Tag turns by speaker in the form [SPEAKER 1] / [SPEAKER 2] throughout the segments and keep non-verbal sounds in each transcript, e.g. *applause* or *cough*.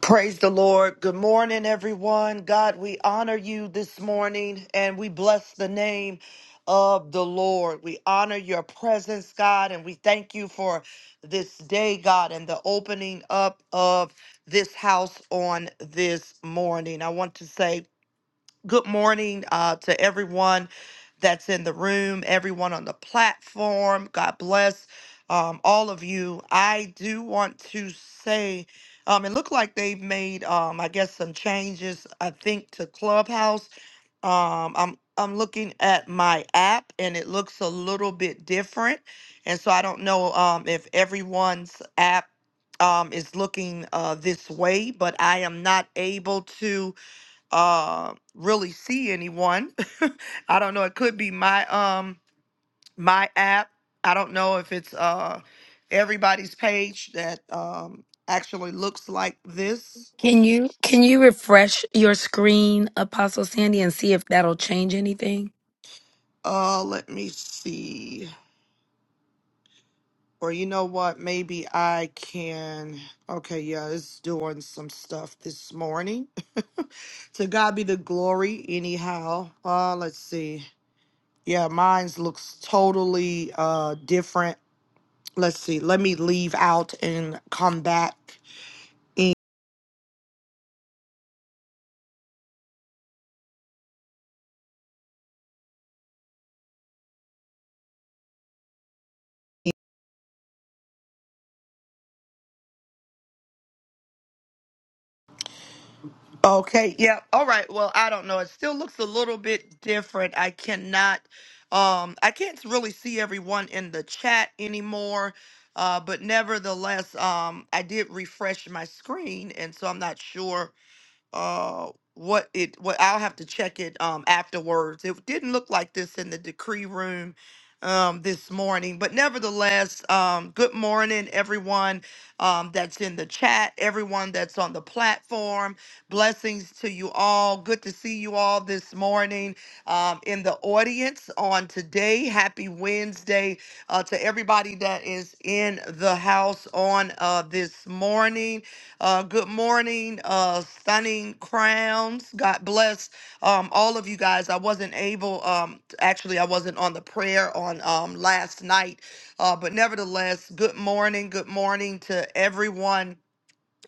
[SPEAKER 1] Praise the Lord. Good morning, everyone. God, we honor you this morning and we bless the name of the Lord. We honor your presence, God, and we thank you for this day, God, and the opening up of this house on this morning. I want to say Good morning uh, to everyone that's in the room, everyone on the platform. God bless um, all of you. I do want to say, um, it looked like they've made, um, I guess, some changes. I think to Clubhouse. Um, I'm I'm looking at my app, and it looks a little bit different. And so I don't know um, if everyone's app um, is looking uh, this way, but I am not able to uh, really see anyone. *laughs* I don't know. It could be my um my app. I don't know if it's uh everybody's page that um actually looks like this.
[SPEAKER 2] Can you can you refresh your screen, Apostle Sandy, and see if that'll change anything?
[SPEAKER 1] Uh, let me see. Or you know what? Maybe I can. Okay, yeah, it's doing some stuff this morning. *laughs* to God be the glory. Anyhow, uh, let's see. Yeah, mine's looks totally uh different let's see, let me leave out and come back. Okay, yeah. All right. Well, I don't know. It still looks a little bit different. I cannot um I can't really see everyone in the chat anymore. Uh but nevertheless, um I did refresh my screen and so I'm not sure uh what it what I'll have to check it um afterwards. It didn't look like this in the decree room um this morning, but nevertheless, um good morning everyone um that's in the chat, everyone that's on the platform. Blessings to you all. Good to see you all this morning um in the audience on today. Happy Wednesday uh to everybody that is in the house on uh this morning. Uh, good morning, uh, Stunning Crowns. God bless um, all of you guys. I wasn't able, um, actually, I wasn't on the prayer on um, last night, uh, but nevertheless, good morning, good morning to everyone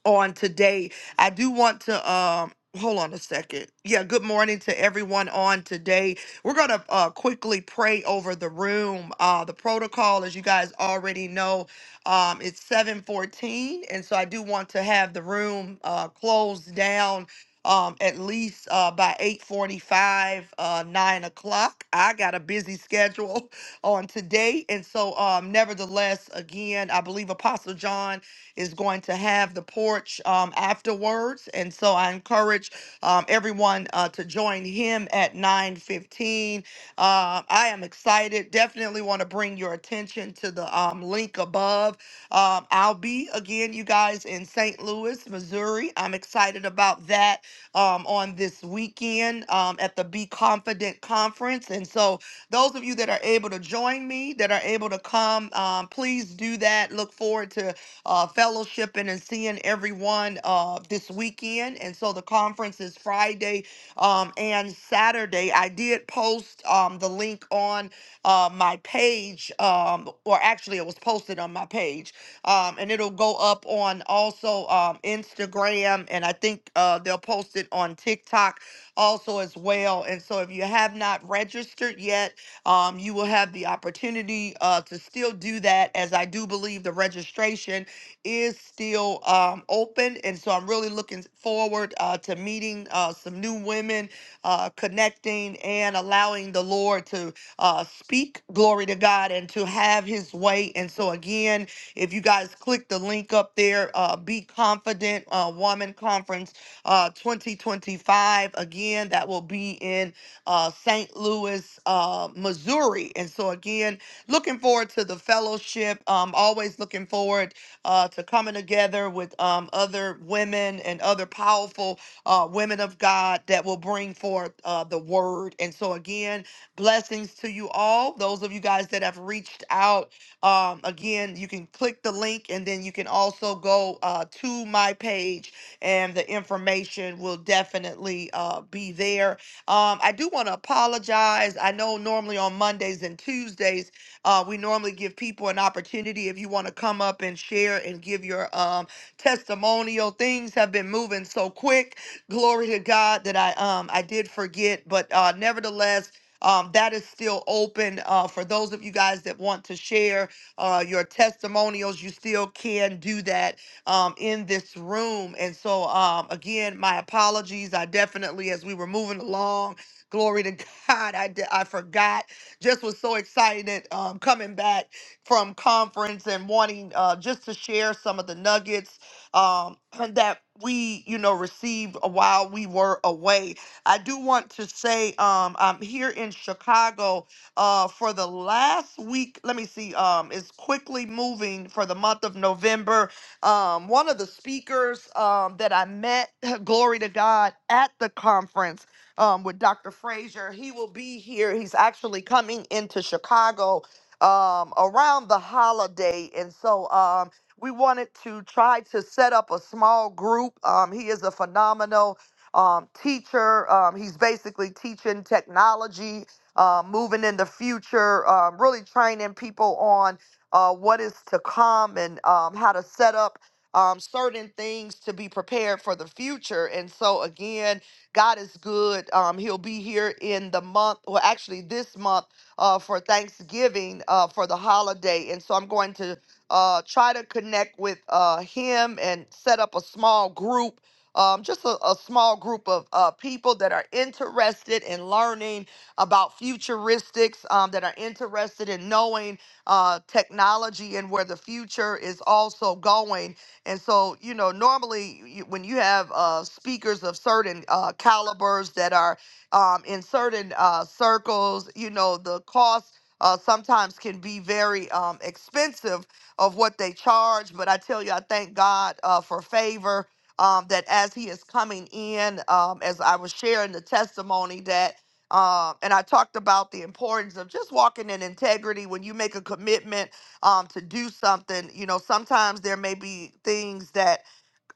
[SPEAKER 1] on today. I do want to um hold on a second. Yeah, good morning to everyone on today. We're going to uh quickly pray over the room. Uh the protocol as you guys already know, um it's 7:14 and so I do want to have the room uh closed down um at least uh by 8:45 uh 9 o'clock. I got a busy schedule *laughs* on today and so um nevertheless again, I believe Apostle John is going to have the porch um, afterwards. And so I encourage um, everyone uh, to join him at 9.15. Uh, I am excited. Definitely want to bring your attention to the um, link above. Um, I'll be, again, you guys, in St. Louis, Missouri. I'm excited about that um, on this weekend um, at the Be Confident Conference. And so those of you that are able to join me, that are able to come, um, please do that. Look forward to uh, fellowshipping and seeing everyone uh, this weekend. And so the conference is Friday um, and Saturday. I did post um, the link on uh, my page, um, or actually, it was posted on my page, um, and it'll go up on also um, Instagram, and I think uh, they'll post it on TikTok also as well. And so, if you have not registered yet, um, you will have the opportunity uh, to still do that, as I do believe the registration is still um, open. And so I'm really looking forward uh, to meeting uh, some new women, uh, connecting, and allowing the Lord to uh, speak glory to God and to have his way. And so, again, if you guys click the link up there, uh, Be Confident uh, Woman Conference uh, 2025, again, that will be in uh, St. Louis, uh, Missouri. And so, again, looking forward to the fellowship. Um, always looking forward uh, to coming together with um, other women and other powerful uh, women of God that will bring forth uh, the word. And so, again, blessings to you all. Those of you guys that have reached out, um, again, you can click the link and then you can also go uh, to my page, and the information will definitely uh, be there. Um, I do want to apologize. I know normally on Mondays and Tuesdays, uh, we normally give people an opportunity if you want to come up and share and give your um, testimonial. Things have been moving so quick. Glory to God that I um I did forget, but uh, nevertheless. Um, that is still open uh, for those of you guys that want to share uh, your testimonials. You still can do that um, in this room. And so, um, again, my apologies. I definitely, as we were moving along, glory to *laughs* God, I, d- I forgot just was so excited um, coming back from conference and wanting uh, just to share some of the nuggets um, *clears throat* that we, you know, received while we were away. I do want to say um, I'm here in Chicago uh, for the last week. Let me see. Um, it's quickly moving for the month of November. Um, one of the speakers um, that I met, *laughs* *clears throat* glory to God, at the conference um, with Dr. Frazier. He will be here. He's actually coming into Chicago um, around the holiday. And so um, we wanted to try to set up a small group. Um, he is a phenomenal um, teacher. Um, he's basically teaching technology, uh, moving in the future, um, really training people on uh, what is to come and um, how to set up um, certain things to be prepared for the future. And so, again, God is good. Um, he'll be here in the month, well, actually this month uh, for Thanksgiving uh, for the holiday. And so I'm going to uh, try to connect with uh, him and set up a small group. Um, just a, a small group of uh, people that are interested in learning about futuristics, um, that are interested in knowing uh, technology and where the future is also going. And so, you know, normally you, when you have uh, speakers of certain uh, calibers that are um, in certain uh, circles, you know, the cost uh, sometimes can be very um, expensive of what they charge. But I tell you, I thank God uh, for favor um, that as He is coming in, um, as I was sharing the testimony that. Um, and I talked about the importance of just walking in integrity when you make a commitment um to do something you know sometimes there may be things that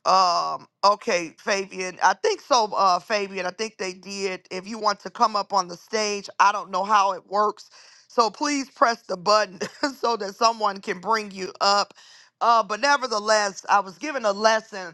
[SPEAKER 1] um okay fabian i think so uh fabian i think they did if you want to come up on the stage i don't know how it works so please press the button *laughs* so that someone can bring you up uh but nevertheless i was given a lesson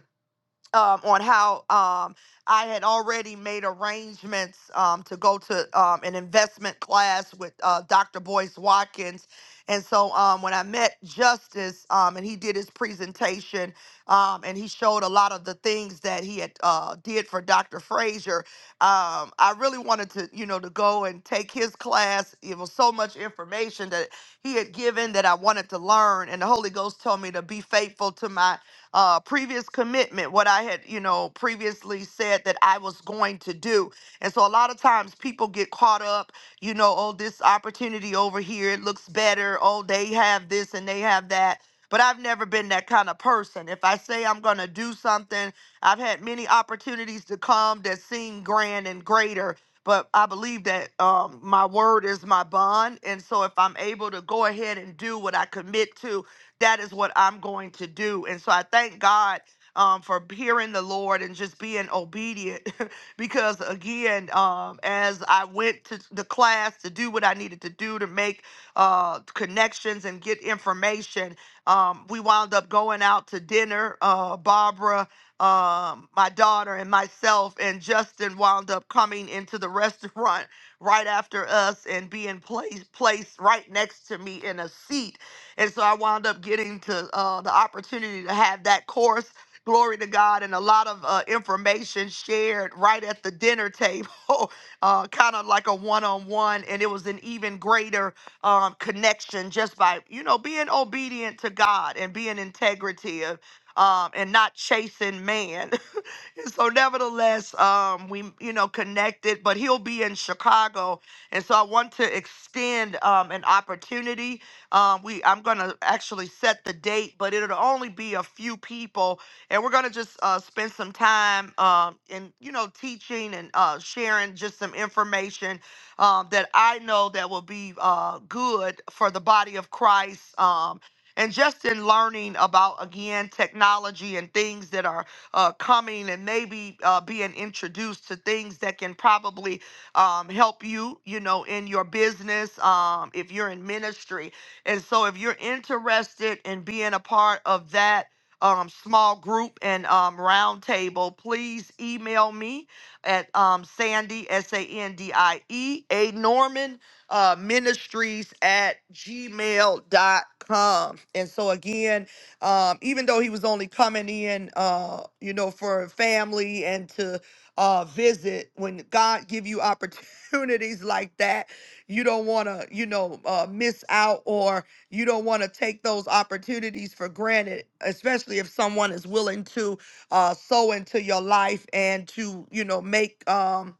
[SPEAKER 1] um, on how um, I had already made arrangements um, to go to um, an investment class with uh, Dr. Boyce Watkins. And so um, when I met Justice um, and he did his presentation um, and he showed a lot of the things that he had uh, did for Dr. Frazier, um, I really wanted to, you know, to go and take his class. It was so much information that he had given that I wanted to learn. And the Holy Ghost told me to be faithful to my uh, previous commitment, what I had, you know, previously said that I was going to do. And so a lot of times people get caught up, you know, oh, this opportunity over here, it looks better. Oh, they have this and they have that. But I've never been that kind of person. If I say I'm going to do something, I've had many opportunities to come that seem grand and greater. But I believe that um, my word is my bond. And so if I'm able to go ahead and do what I commit to, that is what I'm going to do. And so I thank God um, for hearing the Lord and just being obedient. *laughs* because again, um, as I went to the class to do what I needed to do to make uh, connections and get information, um, we wound up going out to dinner. Uh, Barbara, um, my daughter, and myself, and Justin wound up coming into the *laughs* restaurant right after us and being placed placed right next to me in a seat and so I wound up getting to uh, the opportunity to have that course. Glory to God, and a lot of uh, information shared right at the dinner table, *laughs* uh, kind of like a one on one. And it was an even greater um, connection just by, you know, being obedient to God and being integrative um, and not chasing man. *laughs* And so nevertheless, um, we you know connected, but he'll be in Chicago, and so I want to extend um, an opportunity. Um, we I'm gonna actually set the date, but it'll only be a few people, and we're gonna just uh, spend some time um, in you know teaching and uh, sharing just some information um, that I know that will be uh, good for the body of Christ. Um, and just in learning about again technology and things that are uh, coming and maybe uh, being introduced to things that can probably um, help you, you know, in your business, um, if you're in ministry. And so if you're interested in being a part of that, um, small group and um, round table, please email me at um, Sandy, S A N D I E, A Norman uh, Ministries at gmail dot com. And so, again, um, even though he was only coming in, uh, you know, for family and to uh, visit. When God give you opportunities *laughs* like that, you don't want to, you know, uh, miss out or you don't want to take those opportunities for granted, especially if someone is willing to uh, sow into your life and to, you know, make. Um,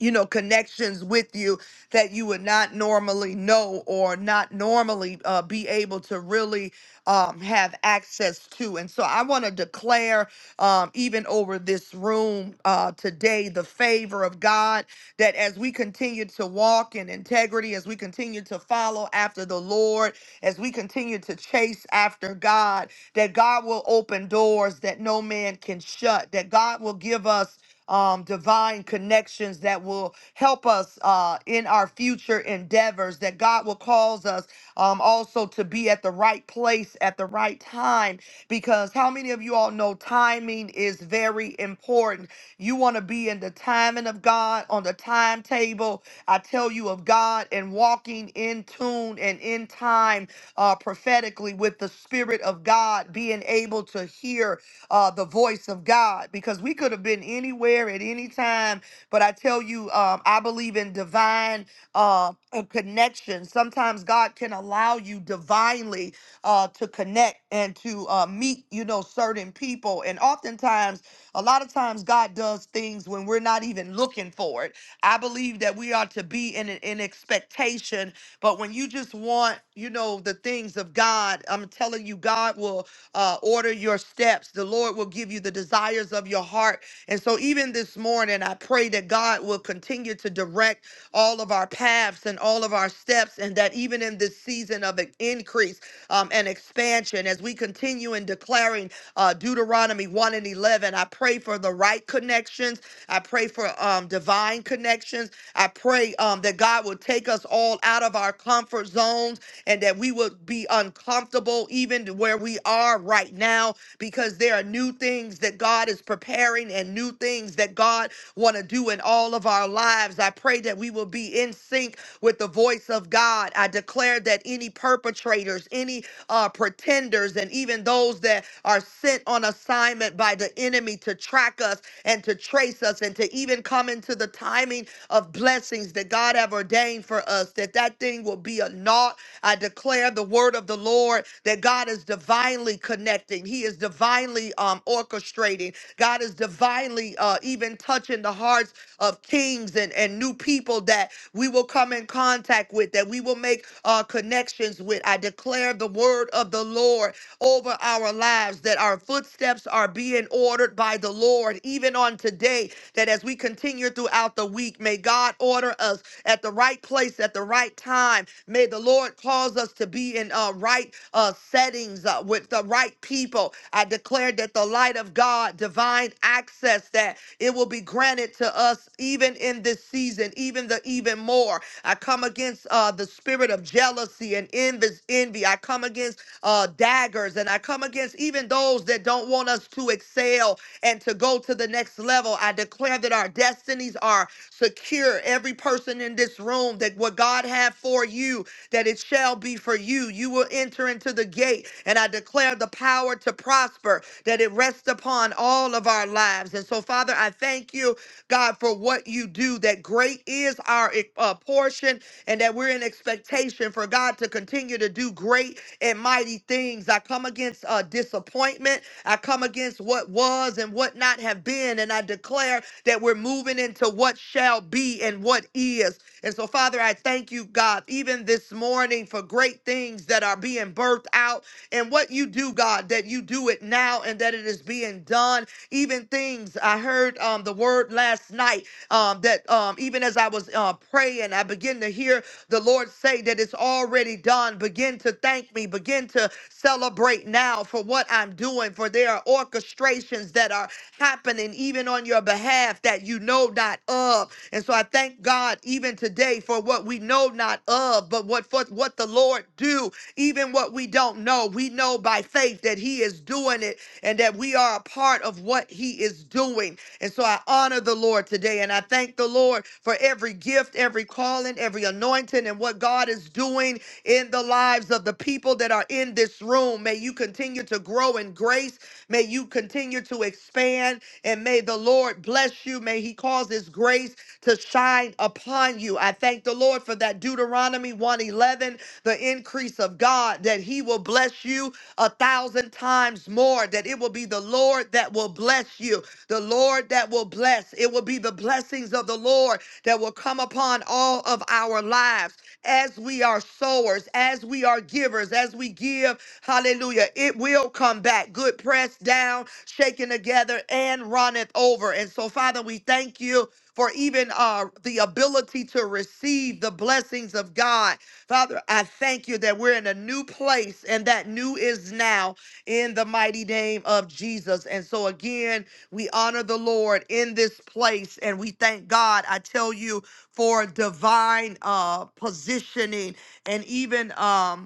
[SPEAKER 1] you know connections with you that you would not normally know or not normally uh, be able to really um, have access to and so i want to declare um, even over this room uh, today the favor of god that as we continue to walk in integrity as we continue to follow after the lord as we continue to chase after god that god will open doors that no man can shut that god will give us um, divine connections that will help us uh, in our future endeavors, that God will cause us um, also to be at the right place at the right time. Because how many of you all know timing is very important? You want to be in the timing of God, on the timetable, I tell you, of God, and walking in tune and in time uh, prophetically with the Spirit of God, being able to hear uh, the voice of God because we could have been anywhere at any time. But I tell you, um, I believe in divine uh, uh, connection. Sometimes God can allow you divinely uh, to connect and to uh, meet, you know, certain people. And oftentimes, a lot of times, God does things when we're not even looking for it. I believe that we are to be in an in expectation, but when you just want, you know, the things of God, I'm telling you, God will uh, order your steps. The Lord will give you the desires of your heart. And so, even this morning, I pray that God will continue to direct all of our paths and all of our steps, and that even in this season of an increase um, and expansion, as we continue in declaring uh, Deuteronomy 1 and 11, I pray for the right connections. I pray for um, divine connections. I pray um, that God will take us all out of our comfort zones and that we would be uncomfortable even where we are right now because there are new things that God is preparing and new things that God want to do in all of our lives. I pray that we will be in sync with the voice of God. I declare that any perpetrators, any uh, pretenders, and even those that are sent on assignment by the enemy to track us and to trace us and to even come into the timing of blessings that God have ordained for us, that that thing will be a naught. I declare the word of the Lord that God is divinely connecting. He is divinely um, orchestrating. God is divinely uh, even touching the hearts of kings and, and new people people that we will come in contact with, that we will make uh, connections with. I declare the word of the Lord over our lives, that our footsteps are being ordered by the Lord, even on today, that as we continue throughout the week, may God order us at the right place at the right time. May the Lord cause us to be in uh, right uh, settings uh, with the right people. I declare that the light of God, divine access, that it will be granted to us us even in this season, even the even more. I come against uh, the spirit of jealousy and envy. envy. I come against uh, daggers and I come against even those that don't want us to excel and to go to the next level. I declare that our destinies are secure. Every person in this room, that what God had for you, that it shall be for you. You will enter into the gate, and I declare the power to prosper that it rests upon all of our lives. And so, Father, I thank you, God, for what you do, that great is our eh, uh, portion and that we're in expectation for God to continue to do great and mighty things. I come against uh, disappointment. I come against what was and what not have been. And I declare that we're moving into what shall be and what is. And so, Father, I thank you, God, even this morning for great things that are being birthed out. And what you do, God, that you do it now and that it is being done. Even things I heard um, the word last night um, that um, even as I was uh, praying, I began to hear the Lord say that it's already done. Begin to thank me. Begin to celebrate now for what I'm doing. For there are orchestrations that are happening even on your behalf that you know not of. And so I thank God even today for what we know not of, but what for what the Lord do, even what we don't know. We know by faith that He is doing it Spirit and that we are a part of what He is doing. And so I honor the Lord today and I thank the Lord for every gift, every calling, every anointing, and what God is doing in the lives of the people that are in this room. May you continue to grow in grace. May you continue to expand and may the Lord bless you. May He cause His grace to shine upon you. I thank the Lord for that Deuteronomy 111, the increase of God, that He will bless you a thousand times more that it will be the Lord that will bless you, the Lord that will bless. It will be the blessings of the Lord that will come upon all of our lives as we are sowers, as we are givers, as we give. Hallelujah. It will come back. Good pressed down, shaken together, and runneth over. And so, Father, we thank you for even uh, the ability to receive the blessings of God Father, I thank you that we're in a new place and that new is now in the mighty name of Jesus. And so, again, we honor the Lord in this place and we thank God, I tell you, for divine uh, positioning and even. Um,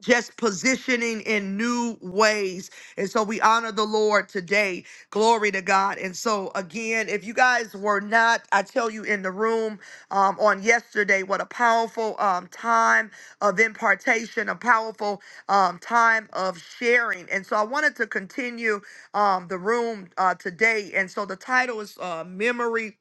[SPEAKER 1] just positioning in new ways. And so we honor the Lord today. Glory to God. And so, again, if you guys were not, I tell you in the room um, on yesterday, what a powerful um, time of impartation, a powerful um, time of sharing. And so I wanted to continue um, the room uh, today. And so the title is uh, Memory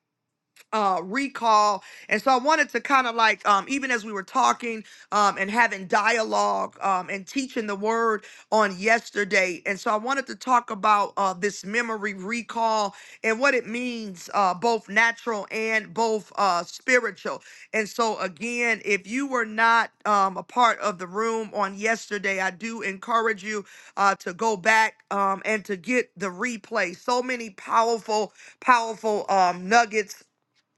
[SPEAKER 1] uh, recall. And so I wanted to kind of like, um, even as we were talking um, and having dialogue um, and teaching the word on yesterday. And so I wanted to talk about uh, this memory recall and what it means, uh, both natural and both uh, spiritual. And so, again, if you were not um, a part of the room on yesterday, I do encourage you uh, to go back um, and to get the replay. So many powerful, powerful um, nuggets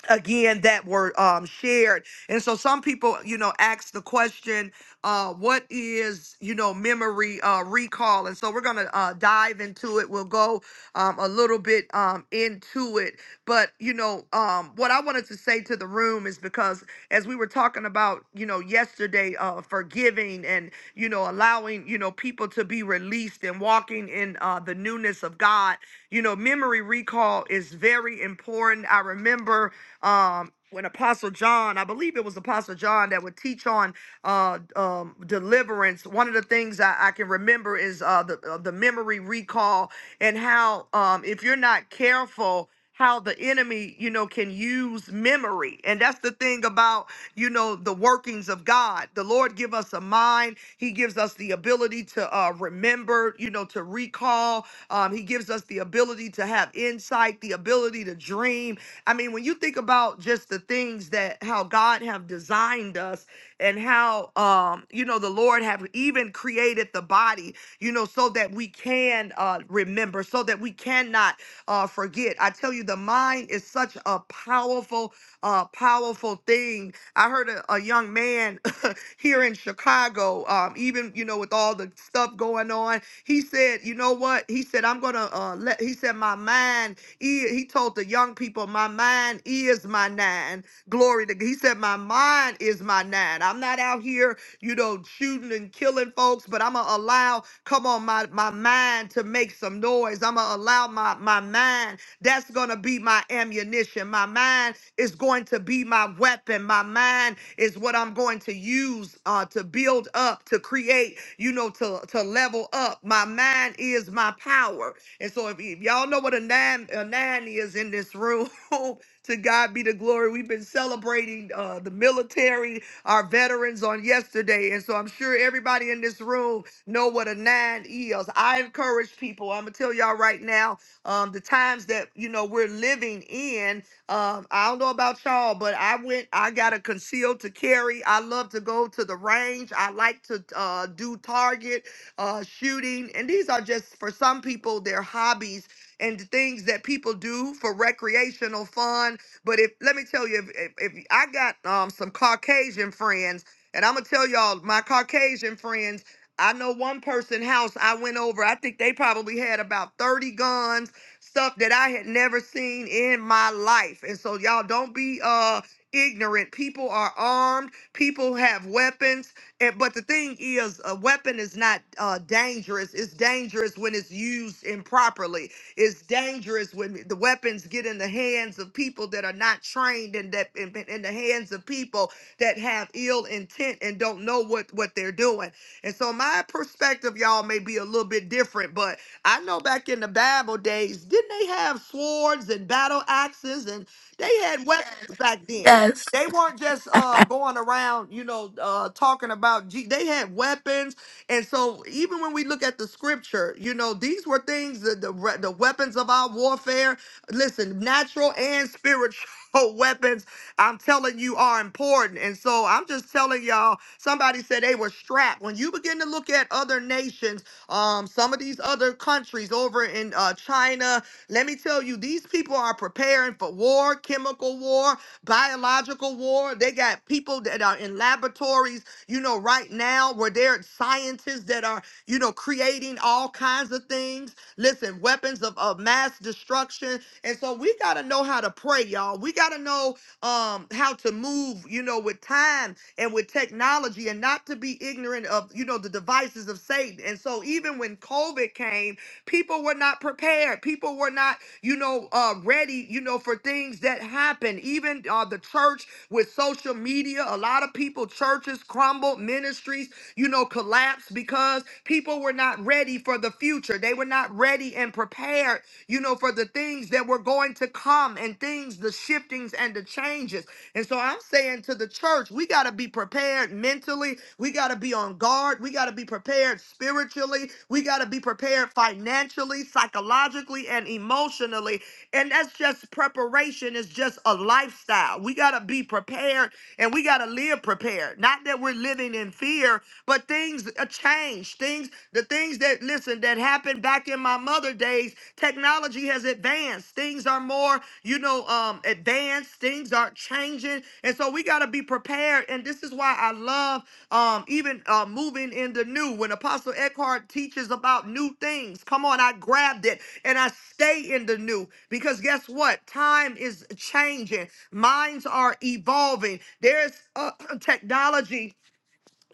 [SPEAKER 1] again that were um, shared and so some people you know ask the question uh, what is you know memory uh, recall and so we're gonna uh, dive into it we'll go um, a little bit um, into it but you know um, what i wanted to say to the room is because as we were talking about you know yesterday uh, forgiving and you know allowing you know people to be released and walking in uh, the newness of god you know memory recall is very important i remember um when apostle john i believe it was apostle john that would teach on uh um deliverance one of the things i, I can remember is uh the, uh, the memory recall and how um if you're not careful how the enemy you know can use memory and that's the thing about you know the workings of god the lord give us a mind he gives us the ability to uh remember you know to recall um he gives us the ability to have insight the ability to dream I mean, when you think about just the things that how God have designed us and how um you know the Lord have even created the body, you know, so that we can uh remember, so that we cannot uh forget. I tell you, the mind is such a powerful, uh powerful thing. I heard a, a young man *laughs* here in Chicago, um, even you know, with all the stuff going on, he said, you know what? He said, I'm gonna uh let he said my mind he, he told the young people, My mind is my nine. Glory to God. He said, My mind is my nine. I'm not out here, you know, shooting and killing folks, but I'm going to allow, come on, my, my mind to make some noise. I'm going to allow my, my mind. That's going to be my ammunition. My mind is going to be my weapon. My mind is what I'm going to use uh, to build up, to create, you know, to, to level up. My mind is my power. And so if y- y'all know what a nine a nine is in this room, *laughs* to God be the glory. We've been celebrating uh, the military, our veterans on yesterday, and so I'm sure everybody in this room know what a nine is. I encourage people. I'm gonna tell y'all right now, um, the times that you know we're living in. Um, I don't know about y'all, but I went. I got a concealed to carry. I love to go to the range. I like to uh, do target uh, shooting. And these are just, for some people, their hobbies and things that people do for recreational fun. But if, let me tell you, if, if, if I got um, some Caucasian friends, and I'm going to tell y'all, my Caucasian friends, I know one person house I went over. I think they probably had about 30 guns, stuff that I had never seen in my life. And so y'all don't be uh ignorant. People are armed, people have weapons. And, but the thing is, a weapon is not uh, dangerous. It's dangerous when it's used improperly. It's dangerous when the weapons get in the hands of people that are not trained and that in, in the hands of people that have ill intent and don't know what what they're doing. And so my perspective, y'all, may be a little bit different, but I know back in the Bible days, didn't they have swords and battle axes and they had weapons back then?
[SPEAKER 2] Yes.
[SPEAKER 1] They weren't just uh, going around, you know, uh, talking about. G- they had weapons, and so even when we look at the scripture, you know, these were things that the re- the weapons of our warfare. Listen, natural and spiritual *laughs* weapons. I'm telling you, are important. And so I'm just telling y'all. Somebody said they were strapped. When you begin to look at other nations, um, some of these other countries over in uh, China, let me tell you, these people are preparing for war, chemical war biological war. They got people that are in laboratories, you know, right now where they're scientists that are, you know, creating all kinds of things. Listen, weapons of, of mass destruction. And so we got to know how to pray, y'all. We got to know um, how to move, you know, with time and with technology and not to be ignorant of, you know, the devices of Satan. And so even when COVID came, People were not prepared. People were not, you know, uh, ready, you know, for things that happen. Even uh, the church with social media, a lot of people, churches crumbled, ministries, you know, collapsed because people were not ready for the future. They were not ready and prepared, you know, for the things that were going to come and things, the shiftings and the changes. And so I'm saying to the church, we got to be prepared mentally. We got to be on guard. We got to be prepared spiritually. We got to be prepared financially, psychologically, and emotionally. And that's just preparation, it's just a lifestyle. We got to be prepared and we got to live prepared. Not that we're living in fear, but things uh, change. Things, the things that, listen, that happened back in my mother's other days, technology has advanced. Things are more, you know, um, advanced. Things are changing, and so we got to be prepared. And this is why I love um, even uh, moving in the new. When Apostle Eckhart teaches about new things, come on, I grabbed it and I stay in the new because guess what? Time is changing. Minds are evolving. There's uh, *clears throat* technology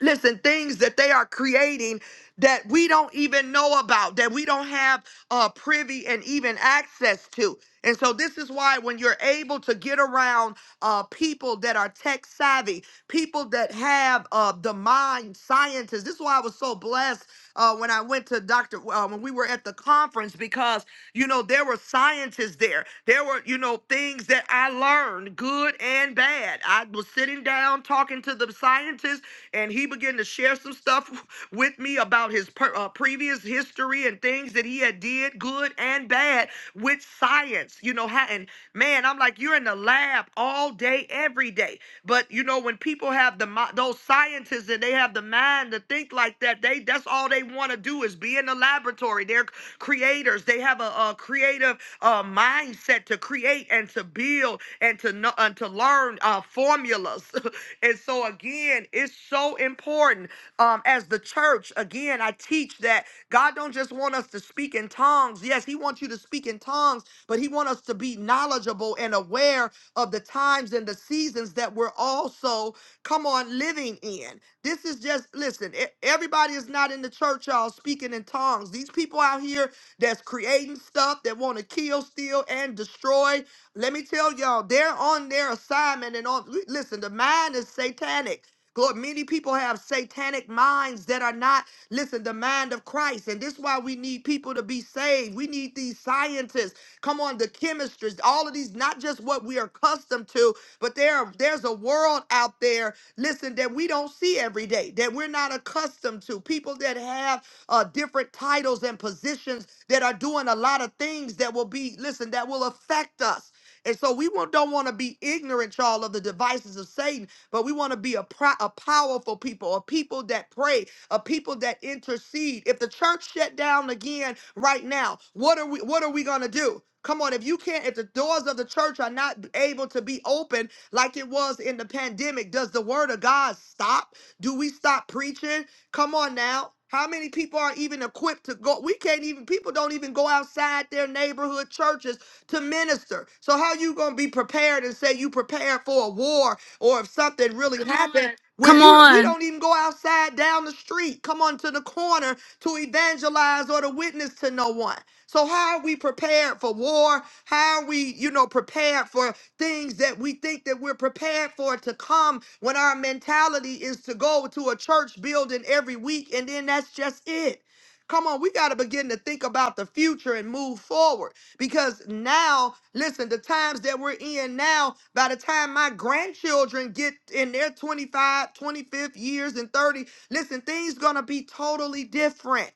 [SPEAKER 1] listen things that they are creating that we don't even know about that we don't have uh privy and even access to and so this is why when you're able to get around uh people that are tech savvy people that have uh the mind scientists this is why i was so blessed uh when i went to dr uh, when we were at the conference because you know there were scientists there there were you know things that i learned good and bad i was sitting down talking to the scientists and he began to share some stuff with me about his per, uh, previous history and things that he had did good and bad with science you know how and man i'm like you're in the lab all day every day but you know when people have the mi- those scientists and they have the mind to think like that they that's all they want to do is be in the laboratory they're creators they have a, a creative uh, mindset to create and to build and to know and to learn uh, formulas *laughs* And so again, it's so important um, as the church. Again, I teach that God don't just want us to speak in tongues. Yes, He wants you to speak in tongues, but He wants us to be knowledgeable and aware of the times and the seasons that we're also come on living in. This is just listen. e- Everybody is not in the church, y'all, speaking in tongues. These people out here that's creating stuff that want to kill, steal, and destroy. Let me tell y'all, they're on their assignment and on. Listen, the mind is satanic. Lord, many people have satanic minds that are not, listen, the mind of Christ. And this is why we need people to be saved. We need these scientists. Come on, the chemistries, all of these, not just what we are accustomed to, but there, there's a world out there, listen, that we don't see every day, that we're not accustomed to. People that have uh, different titles and positions that are doing a lot of things that will be, listen, that will affect us. And so we won't- don't want to be ignorant, y'all, of the devices of Satan, but we want to be a, pro- a powerful people, a people that pray, a people that intercede. If the church shut down again right now, what are we what are we gonna do? Come on, if you can't, if the doors of the church are not able to be open like it was in the pandemic, does the word of God stop? Do we stop preaching? Come on now. How many people are even equipped to go? We can't even, people don't even go outside their neighborhood churches to minister. So how you gonna be prepared and say you prepared for a war or if something really Come happened? on. When
[SPEAKER 2] Come
[SPEAKER 1] you we
[SPEAKER 2] on.
[SPEAKER 1] don't even go outside down the street, come on to the corner to evangelize or to witness to no one. So how are we prepared for war? How are we, you know, prepared for things that we think that we're prepared for to come when our mentality is to go to a church building every week and then that's just it. Come on, we got to begin to think about the future and move forward. Because now, listen, the times that we're in now, by the time my grandchildren get in their 25, twenty-fifth years and 30, listen, things gonna be totally different.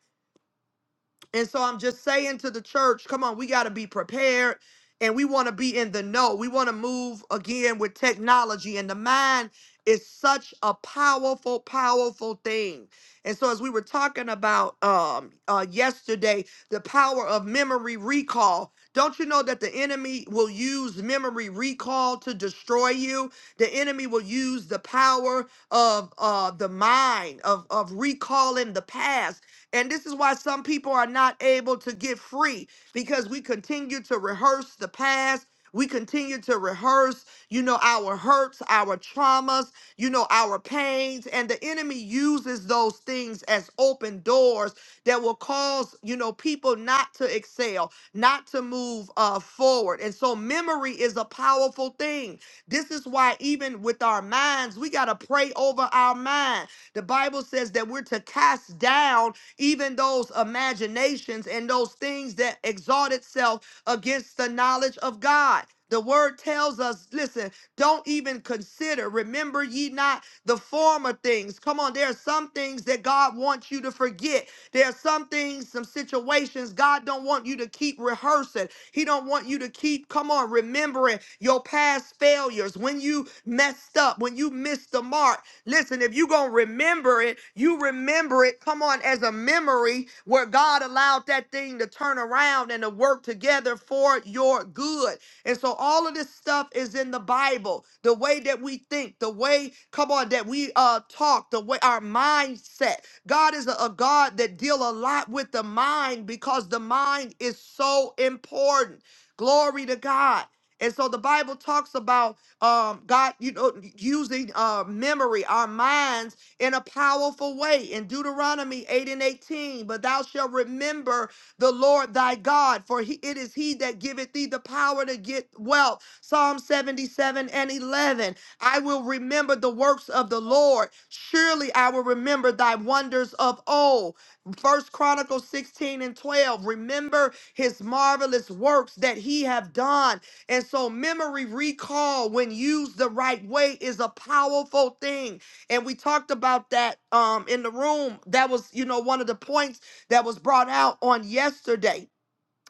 [SPEAKER 1] And so I'm just saying to the church, come on, we got to be prepared and we want to be in the know. We want to move again with technology and the mind is such a powerful powerful thing. And so as we were talking about um uh yesterday, the power of memory recall. Don't you know that the enemy will use memory recall to destroy you? The enemy will use the power of uh the mind of of recalling the past and this is why some people are not able to get free because we continue to rehearse the past. We continue to rehearse, you know, our hurts, our traumas, you know, our pains. And the enemy uses those things as open doors that will cause, you know, people not to excel, not to move uh, forward. And so memory is a powerful thing. This is why, even with our minds, we got to pray over our mind. The Bible says that we're to cast down even those imaginations and those things that exalt itself against the knowledge of God. The word tells us, listen, don't even consider. Remember ye not the former things. Come on, there are some things that God wants you to forget. There are some things, some situations God don't want you to keep rehearsing. He don't want you to keep, come on, remembering your past failures, when you messed up, when you missed the mark. Listen, if you're going to remember it, you remember it, come on, as a memory where God allowed that thing to turn around and to work together for your good. And so all of this stuff is in the Bible. The way that we think, the way, come on, that we uh talk, the way our mindset. God is a, a God that deal a lot with the mind because the mind is so important. Glory to God. And so the Bible talks about um, God, you know, using uh, memory, our minds in a powerful way. In Deuteronomy 8 and 18, but thou shalt remember the Lord thy God, for he, it is he that giveth thee the power to get wealth. Psalm 77 and 11. I will remember the works of the Lord. Surely I will remember thy wonders of old. First Chronicles 16 and 12. Remember his marvelous works that he have done and so, memory recall, when used the right way, is a powerful thing. And we talked about that um, in the room. That was, you know, one of the points that was brought out on yesterday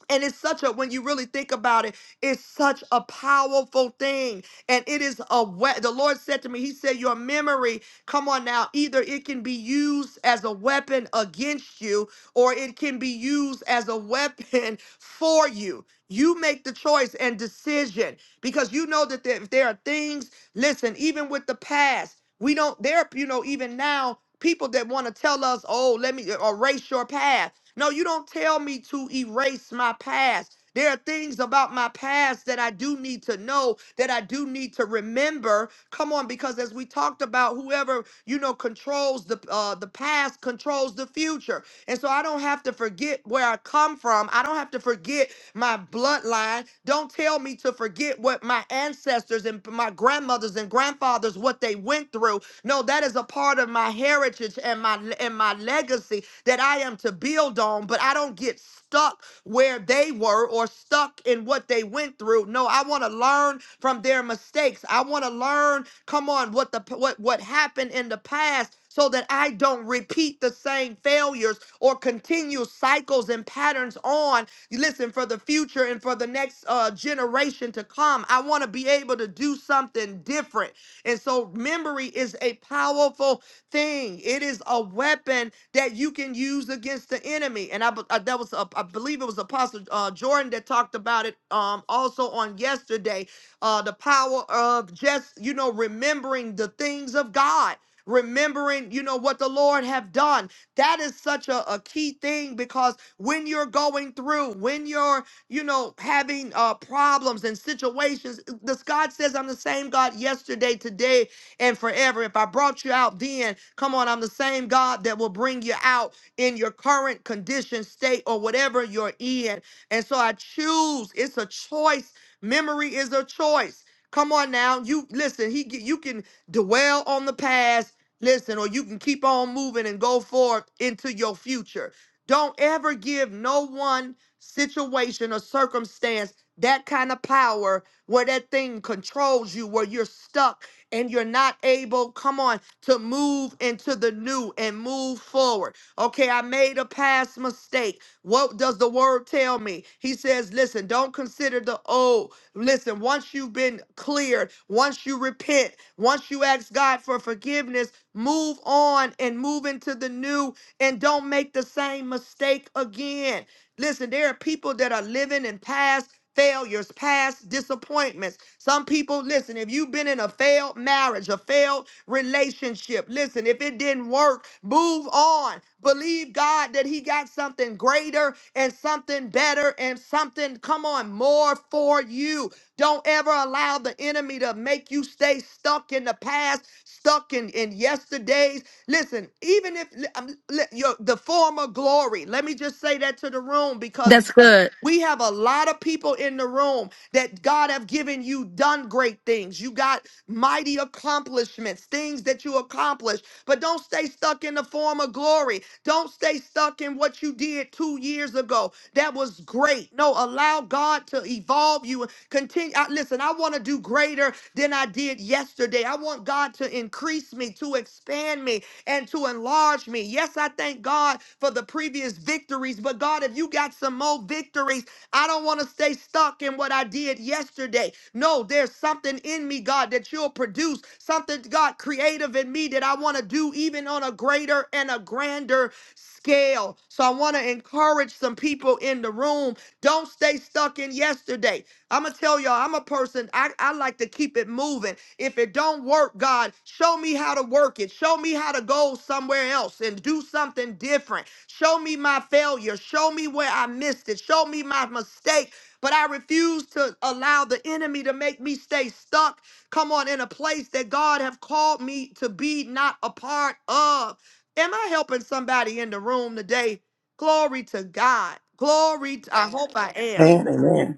[SPEAKER 1] and it's such a, when you really think about it, it's such a powerful thing. And it is a way, the Lord said to me, He said, Your memory, come on now, either it can be used as a weapon against you or it can be used as a weapon *laughs* for you. You make the choice and decision because you know that there- if there are things, listen, even with the past, we don't, there, you know, even now, people that want to tell us, oh, let me erase your past. No, you don't tell me to erase my past. There are things about my past that I do need to know, that I do need to remember. Come on, because as we talked about, whoever you know controls the uh, the past controls the future, and so I don't have to forget where I come from. I don't have to forget my bloodline. Don't tell me to forget what my ancestors and my grandmothers and grandfathers what they went through no, that is a part of my heritage and my and my legacy that I am to build on, but I don't get stuck where they were or stuck in what they went through. No, I want to learn from their mistakes. I want to learn, come on, what the what what happened in the past so that I don't repeat the same failures or continue cycles and patterns on. Listen, for the future and for the next uh, generation to come, I want to be able to do something different. And so memory is a powerful thing. It is a weapon that you can use against the enemy. And I, be- uh, that was uh, I believe it was Apostle uh, Jordan that talked about it um, also on yesterday. Uh, the power of just you know remembering the things of God. Remembering, you know, what the Lord have done. That is such a, a key thing because when you're going through, when you're you know, having uh, problems and situations. This God says, I'm the same God yesterday, today, and forever. If I brought you out then, come on, I'm the same God that will bring you out in your current condition, state, or whatever you're in. And so I choose. It's a choice. Memory is a choice. Come on now, you listen. He, you can dwell on the past, listen, or you can keep on moving and go forward into your future. Don't ever give no one situation or circumstance, that kind of power where that thing controls you, where you're stuck and you're not able, come on, to move into the new and move forward. Okay, I made a past mistake. What does the word tell me? He says, listen, don't consider the old. Listen, once you've been cleared, once you repent, once you ask God for forgiveness, move on and move into the new and don't make the same mistake again. Listen, there are people that are living in past failures, past disappointments. Some people, listen, if you've been in a failed marriage, a failed relationship, listen, if it didn't work, move on. Believe God that He got something greater and something better and something, come on, more for you. Don't ever allow the enemy to make you stay stuck in the past, stuck in, in yesterday, Listen, even if li- um, li- your, the former glory, let me just say that to the room because
[SPEAKER 2] That's good.
[SPEAKER 1] we have a lot of people in the room that God have given you done great things. You got mighty accomplishments, things that you accomplished, but don't stay stuck in the former glory. Don't stay stuck in what you did two years ago. That was great. No, allow God to evolve you. Continue. I, listen, I want to do greater than I did yesterday. I want God to increase me, to expand me and to enlarge me. Yes, I thank God for the previous victories, but God, if you got some more victories, I don't want to stay stuck in what I did yesterday. No, there's something in me, God, that you'll produce, something, God, creative in me that I want to do even on a greater and a grander scale. So I want to encourage some people in the room. Don't stay stuck in yesterday. I'ma tell y'all, I'm a person, I, I like to keep it moving. If it don't work, God, show me how to work it. Show me how to go somewhere else and do something different. Show me my failure. Show me where I missed it. Show me my mistake. But I refuse to allow the enemy to make me stay stuck. Come on, in a place that God have called me to be not a part of. Am I helping somebody in the room today? Glory to God. Glory. To, I hope I am.
[SPEAKER 3] Amen. Amen.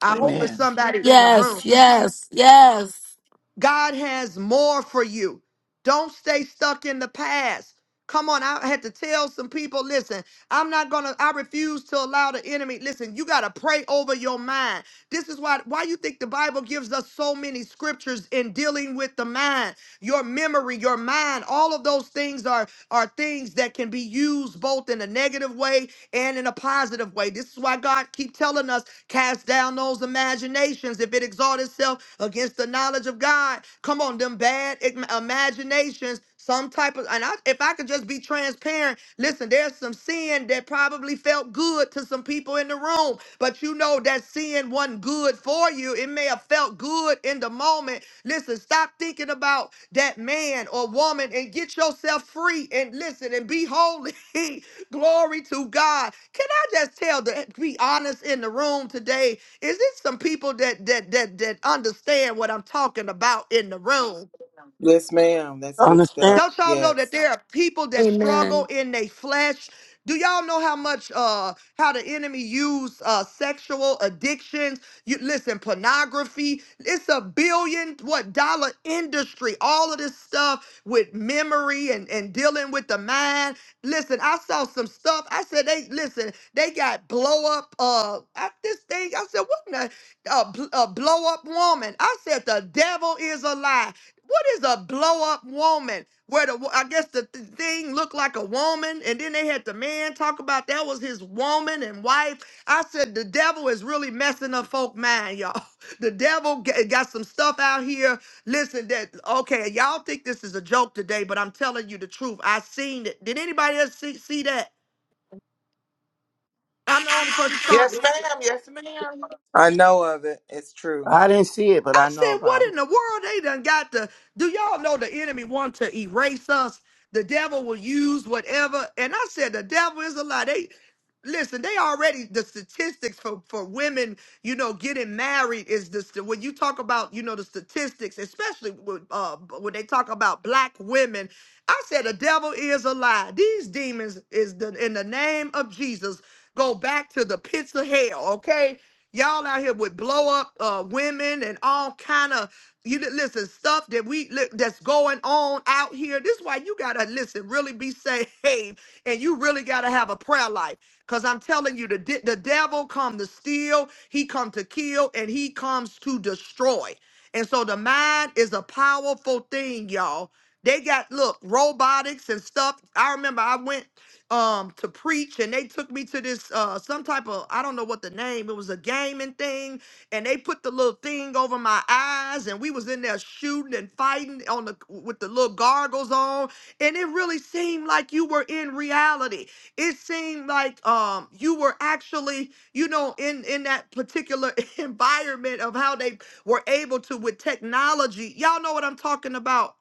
[SPEAKER 1] I hope it's
[SPEAKER 3] Amen.
[SPEAKER 1] somebody in the room.
[SPEAKER 2] Yes, yes, yes.
[SPEAKER 1] God has more for you. Don't stay stuck in the past. Come on, I had to tell some people, listen, I'm not gonna, I refuse to allow the enemy. Listen, you gotta pray over your mind. This is why why you think the Bible gives us so many scriptures in dealing with the mind, your memory, your mind, all of those things are are things that can be used both in a negative way and in a positive way. This is why God keep telling us Cast down those imaginations if it exalt itself against the knowledge of God. Come on, them bad im- imaginations. Some type of, and I, if I could just be transparent, listen, there's some sin that probably felt good to some people in the room, but you know that sin wasn't good for you. It may have felt good in the moment. Listen, stop thinking about that man or woman and get yourself free and listen and be holy. *laughs* Glory to God. Can I just tell the be honest in the room today? Is it some people that that that that understand what I'm talking about in the room?
[SPEAKER 4] Yes, ma'am. That's good
[SPEAKER 3] Understand?
[SPEAKER 4] stuff.
[SPEAKER 1] Don't y'all know that
[SPEAKER 4] Yes.
[SPEAKER 1] there are people that struggle
[SPEAKER 2] Amen.
[SPEAKER 1] in their flesh? Do y'all know how much uh how the enemy use uh sexual addictions? You listen, pornography. It's a billion what dollar industry. All of this stuff with memory and and dealing with the mind. Listen, I saw some stuff. I said they listen. They got blow up uh I, this thing. I said what in the a, bl- a blow up woman. I said the devil is a lie. What is a blow up woman? Where the I guess the th- thing looked like a woman, and then they had the man talk about that was his woman and wife. I said the devil is really messing up folk mind, y'all. *laughs* The devil g- got some stuff out here. Listen, that okay, y'all think this is a joke today, but I'm telling you the truth. I seen it. Did anybody else see, see that? I'm the only person saw it.
[SPEAKER 5] Yes, ma'am. Yes, ma'am.
[SPEAKER 4] I know of it. It's true.
[SPEAKER 3] I didn't see it, but
[SPEAKER 1] I
[SPEAKER 3] I know
[SPEAKER 1] said, what
[SPEAKER 3] about
[SPEAKER 1] in
[SPEAKER 3] it.
[SPEAKER 1] the world they done got to do y'all know the enemy want to erase us? The devil will use whatever. And I said, the devil is a lie. They listen, they already the statistics for, for women, you know, getting married is this when you talk about, you know, the statistics, especially with, uh, when they talk about black women. I said the devil is a lie. These demons is the in the name of Jesus go back to the pits of hell, okay? Y'all out here with blow up uh, women and all kind of you li- listen stuff that we li- that's going on out here. This is why you gotta listen, really be saved, *laughs* and you really gotta have a prayer life. Cause I'm telling you, the de- the devil come to steal, he come to kill, and he comes to destroy. And so the mind is a powerful thing, y'all. They got look robotics and stuff. I remember I went um to preach and they took me to this uh some type of I don't know what the name it was a gaming thing and they put the little thing over my eyes and we was in there shooting and fighting on the with the little gargles on and it really seemed like you were in reality it seemed like um you were actually you know in in that particular *laughs* environment of how they were able to with technology y'all know what I'm talking about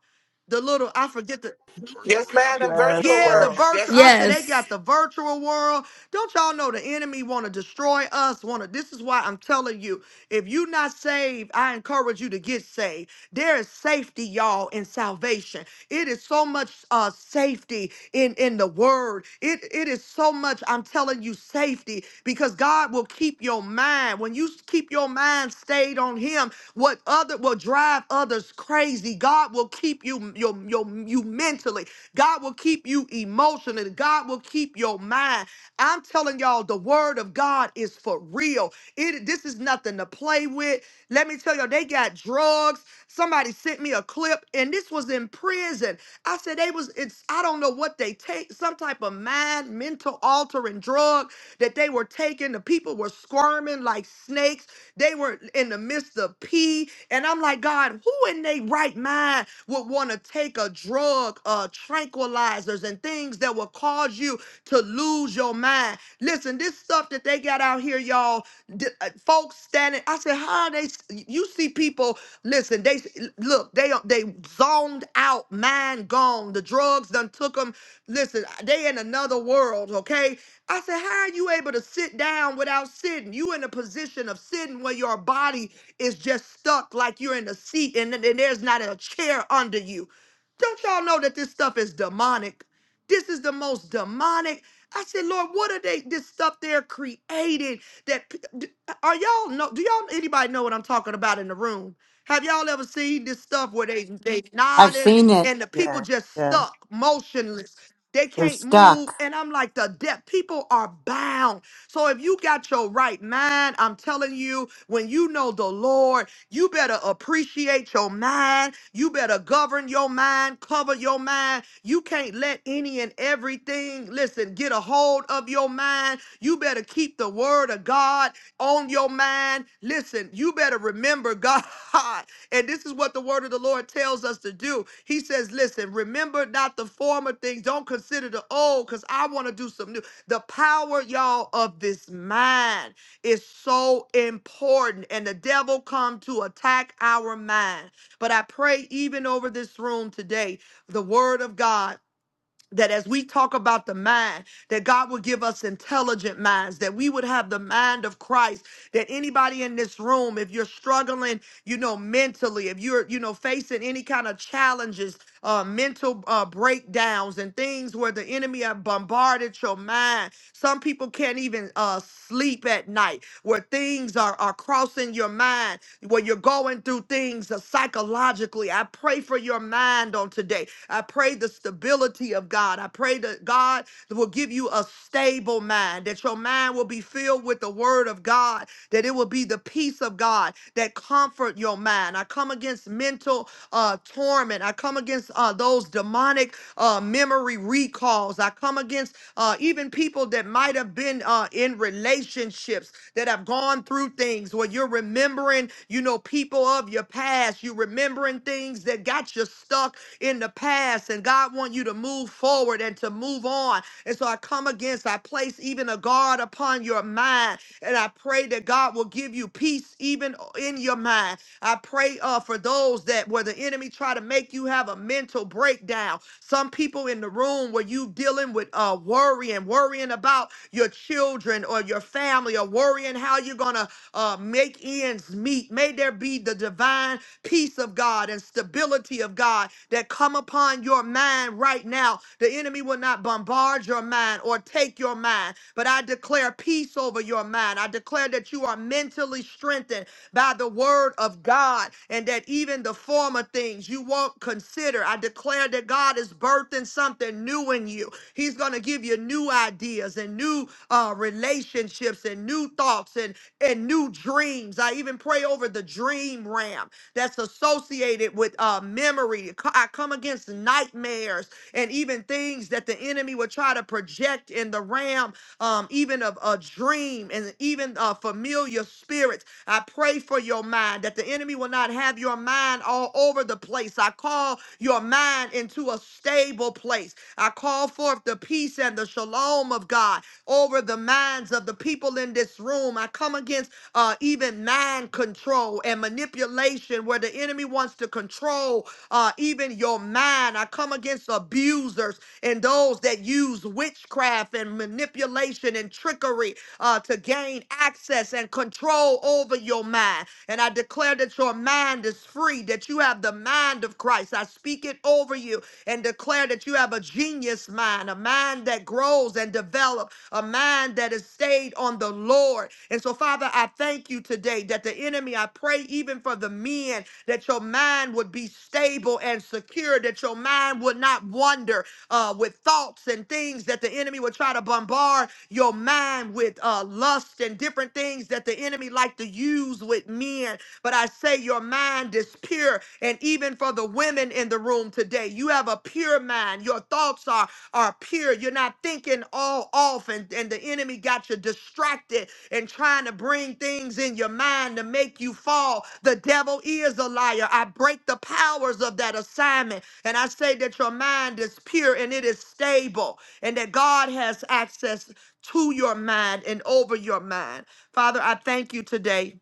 [SPEAKER 1] the little I forget the
[SPEAKER 6] Virtual
[SPEAKER 5] Yes, ma'am.
[SPEAKER 6] reality.
[SPEAKER 5] In
[SPEAKER 3] Yes,
[SPEAKER 6] It's
[SPEAKER 5] virtual
[SPEAKER 6] called
[SPEAKER 1] yeah, the
[SPEAKER 3] yes,
[SPEAKER 6] virtual
[SPEAKER 5] worlds.
[SPEAKER 1] virtual.
[SPEAKER 5] Yes,
[SPEAKER 1] I
[SPEAKER 5] ma'am.
[SPEAKER 1] said
[SPEAKER 6] reality.
[SPEAKER 1] they
[SPEAKER 2] Yes.
[SPEAKER 1] got the virtual world. Don't y'all know the enemy want to destroy us? Want to? This is why I'm telling you. If you not saved, I encourage you to get saved. There is safety, y'all, in salvation. It is so much uh safety in in the word. It it is so much. I'm telling you, safety because God will keep your mind when you keep your mind stayed on Him. What other will drive others crazy? God will keep you your your you mentally. God will keep you emotionally. God will keep your mind. I'm telling y'all, the word of God is for real. It this is nothing to play with. Let me tell y'all, they got drugs. Somebody sent me a clip, and this was in prison. I said they was it's I don't know what they take, some type of mind, mental altering drug that they were taking. The people were squirming like snakes. They were in the midst of pee. And I'm like, God, who in their right mind? would want to take a drug, uh, tranquilizers, and things that will cause you to lose your mind. Listen, this stuff that they got out here, y'all, th- uh, folks standing. I said, how are they? s- You see people. Listen, they look. They uh, they zoned out, mind gone. The drugs done took them. Listen, uh, they in another world. Okay. I said, how are you able to sit down without sitting? You in a position of sitting where your body is just stuck like you're in a seat and, and there's not a chair under you. Don't y'all know that this stuff is demonic? This is the most demonic. I said, Lord, what are they? This stuff they're creating. That p- d- are y'all know? Do y'all anybody know what I'm talking about in the room? Have y'all ever seen this stuff where they they
[SPEAKER 7] I've
[SPEAKER 1] nodding
[SPEAKER 7] seen it.
[SPEAKER 1] and the people
[SPEAKER 3] yes,
[SPEAKER 1] just
[SPEAKER 3] yes.
[SPEAKER 1] stuck motionless? They
[SPEAKER 7] They're
[SPEAKER 1] can't move,
[SPEAKER 7] stuck.
[SPEAKER 1] and I'm like, the deaf people are bound. So if you got your right mind, I'm telling you, when you know the Lord, you better appreciate your mind. You better govern your mind, cover your mind. You can't let any and everything, listen, get a hold of your mind. You better keep the word of God on your mind. Listen, you better remember God. *laughs* And this is what the word of the Lord tells us to do. He says, listen, remember not the former things. Don't consider the old because I want to do some new. The power, y'all, of this mind is so important. And the devil come to attack our mind. But I pray even over this room today, the word of God that as we talk about the mind, that God will give us intelligent minds, that we would have the mind of Christ, that anybody in this room, if you're struggling, you know, mentally, if you're, you know, facing any kind of challenges, uh, mental uh, breakdowns and things where the enemy have bombarded your mind. Some people can't even uh, sleep at night, where things are, are crossing your mind, where you're going through things uh, psychologically. I pray for your mind on today I pray the stability of God. I pray that God will give you a stable mind, that your mind will be filled with the word of God, that it will be the peace of God that comfort your mind. I come against mental uh, torment. I come against uh, those demonic uh, memory recalls. I come against uh, even people that might have been uh, in relationships that have gone through things where you're remembering, you know, people of your past. You're remembering things that got you stuck in the past and God wants you to move forward and to move on. And so I come against, I place even a guard upon your mind and I pray that God will give you peace even in your mind. I pray uh, for those that where the enemy try to make you have a mental breakdown. Some people in the room where you dealing with uh, worrying, worrying about your children or your family or worrying how you're going to uh, make ends meet. May there be the divine peace of God and stability of God that come upon your mind right now. The enemy will not bombard your mind or take your mind, but I declare peace over your mind. I declare that you are mentally strengthened by the word of God and that even the former things you won't consider. I declare that God is birthing something new in you. He's going to give you new ideas and new uh, relationships and new thoughts and, and new dreams. I even pray over the dream realm that's associated with uh, memory. I come against nightmares and even things that the enemy would try to project in the realm, um, even of a dream and even uh, familiar spirits. I pray for your mind that the enemy will not have your mind all over the place. I call your mind into a stable place. I call forth the peace and the shalom of God over the minds of the people in this room. I come against uh, even mind control and manipulation, where the enemy wants to control uh, even your mind. I come against abusers and those that use witchcraft and manipulation and trickery uh, to gain access and control over your mind. And I declare that your mind is free, that you have the mind of Christ. I speak it over you and declare that you have a genius mind, a mind that grows and develops a mind that is stayed on the Lord. And so, Father, I thank you today that the enemy, I pray even for the men, that your mind would be stable and secure, that your mind would not wander uh, with thoughts and things that the enemy would try to bombard your mind with uh, lust and different things that the enemy like to use with men. But I say your mind is pure. And even for the women in the room today, you have a pure mind. Your thoughts are are pure. You're not thinking all off, and, and the enemy got you distracted and trying to bring things in your mind to make you fall. The devil is a liar. I break the powers of that assignment, and I say that your mind is pure and it is stable, and that God has access to your mind and over your mind. Father, I thank you today.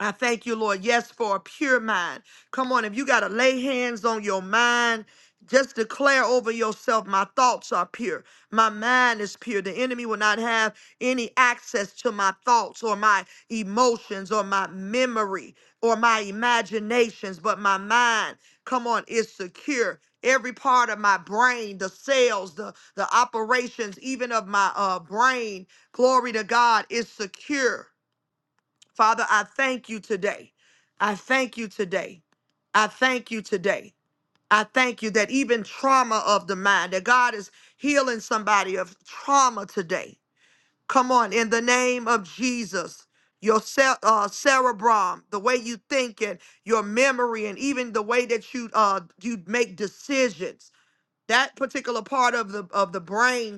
[SPEAKER 1] I thank you, Lord. Yes, for a pure mind. Come on, if you got to lay hands on your mind, just declare over yourself, my thoughts are pure. My mind is pure. The enemy will not have any access to my thoughts or my emotions or my memory or my imaginations, but my mind, come on, is secure. Every part of my brain, the cells, the, the operations, even of my uh, brain, glory to God, is secure. Father, I thank you today. I thank you today. I thank you today. I thank you that even trauma of the mind, that God is healing somebody of trauma today. Come on, in the name of Jesus, your cel- uh, cerebrum, the way you think and your memory, and even the way that you uh, you make decisions, that particular part of the of the brain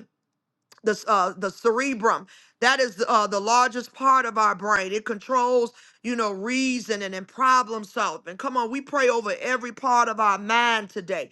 [SPEAKER 1] the uh, the cerebrum. That is uh, the largest part of our brain. It controls, you know, reasoning and problem solving. Come on, we pray over every part of our mind today.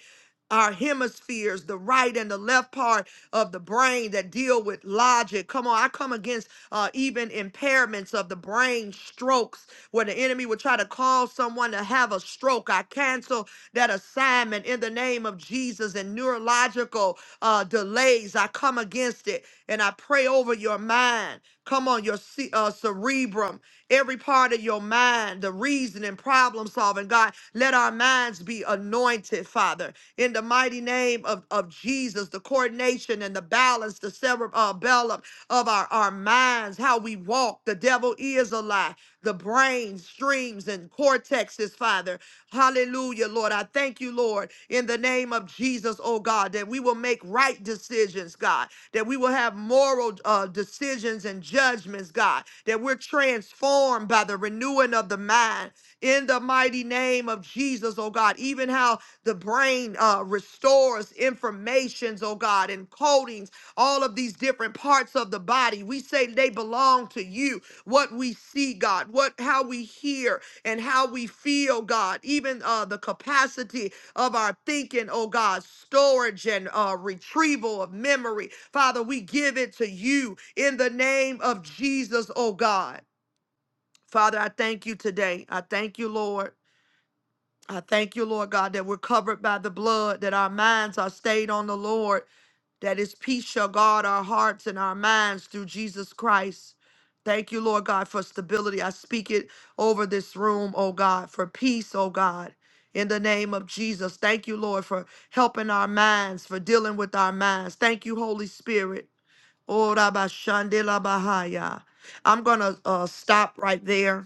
[SPEAKER 1] Our hemispheres, the right and the left part of the brain that deal with logic. Come on, I come against uh, even impairments of the brain strokes where the enemy would try to cause someone to have a stroke. I cancel that assignment in the name of Jesus and neurological uh, delays. I come against it and I pray over your mind. Come on, your ce- uh, cerebrum, every part of your mind, the reasoning, problem solving. God, let our minds be anointed, Father, in the mighty name of, of Jesus, the coordination and the balance, the cerebellum uh, bellum of our, our minds, how we walk. The devil is a lie. The brain, streams, and cortexes, Father. Hallelujah, Lord. I thank you, Lord, in the name of Jesus, oh God, that we will make right decisions, God, that we will have moral uh, decisions and judgments, God, that we're transformed by the renewing of the mind in the mighty name of Jesus, oh God. Even how the brain uh, restores informations, oh God, and codings, all of these different parts of the body. We say they belong to you. What we see, God, what how we hear, and how we feel, God, even uh, the capacity of our thinking, oh God, storage and uh, retrieval of memory. Father, we give it to you in the name of Jesus, oh God. Father, I thank you today. I thank you, Lord. I thank you, Lord God, that we're covered by the blood, that our minds are stayed on the Lord that his peace shall guard our hearts and our minds through Jesus Christ. Thank you, Lord God, for stability. I speak it over this room, oh God, for peace, oh God, in the name of Jesus. Thank you, Lord, for helping our minds, for dealing with our minds. Thank you, Holy Spirit. Oh, Rabba Shandela Bahaya. I'm going to uh, stop right there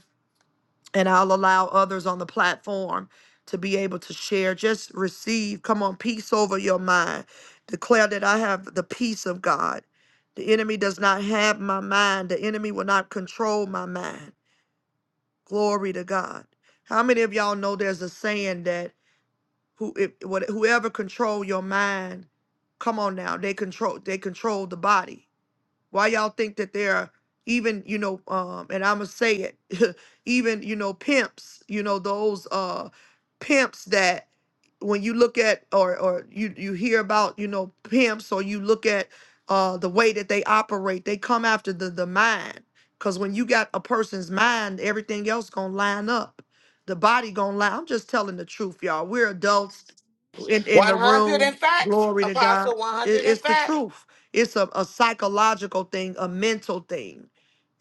[SPEAKER 1] and I'll allow others on the platform to be able to share. Just receive, come on, peace over your mind. Declare that I have the peace of God. The enemy does not have my mind, the enemy will not control my mind. Glory to God. How many of y'all know there's a saying that who if, what, whoever control your mind, come on now, they control they control the body. Why y'all think that there are even, you know, um, and I'ma say it, *laughs* even, you know, pimps, you know, those uh pimps that when you look at or or you you hear about, you know, pimps or you look at uh the way that they operate, they come after the the mind. Cause when you got a person's mind, everything else gonna line up. The body gonna lie. I'm just telling the truth, y'all. We're adults in, in the
[SPEAKER 5] 100 in
[SPEAKER 1] room.
[SPEAKER 5] fact.
[SPEAKER 1] Glory to God.
[SPEAKER 5] Apostle
[SPEAKER 1] It,
[SPEAKER 5] 100 in
[SPEAKER 1] it's the
[SPEAKER 5] fact.
[SPEAKER 1] truth. It's a, a psychological thing, a mental thing.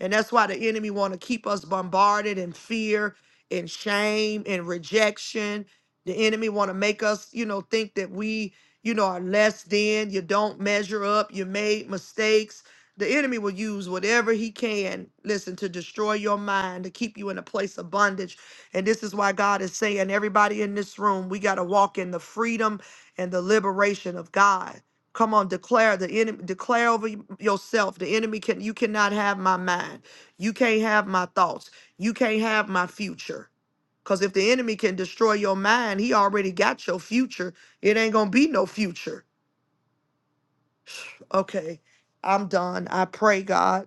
[SPEAKER 1] And that's why the enemy want to keep us bombarded in fear and shame and rejection. The enemy want to make us, you know, think that we, you know, are less than, you don't measure up, you made mistakes. The enemy will use whatever he can, listen, to destroy your mind, to keep you in a place of bondage. And this is why God is saying, everybody in this room, we got to walk in the freedom and the liberation of God. Come on, declare the enemy, declare over y- yourself. The enemy can you cannot have my mind. You can't have my thoughts. You can't have my future. Because if the enemy can destroy your mind, he already got your future. It ain't gonna be no future. Okay. I'm done. I pray, God.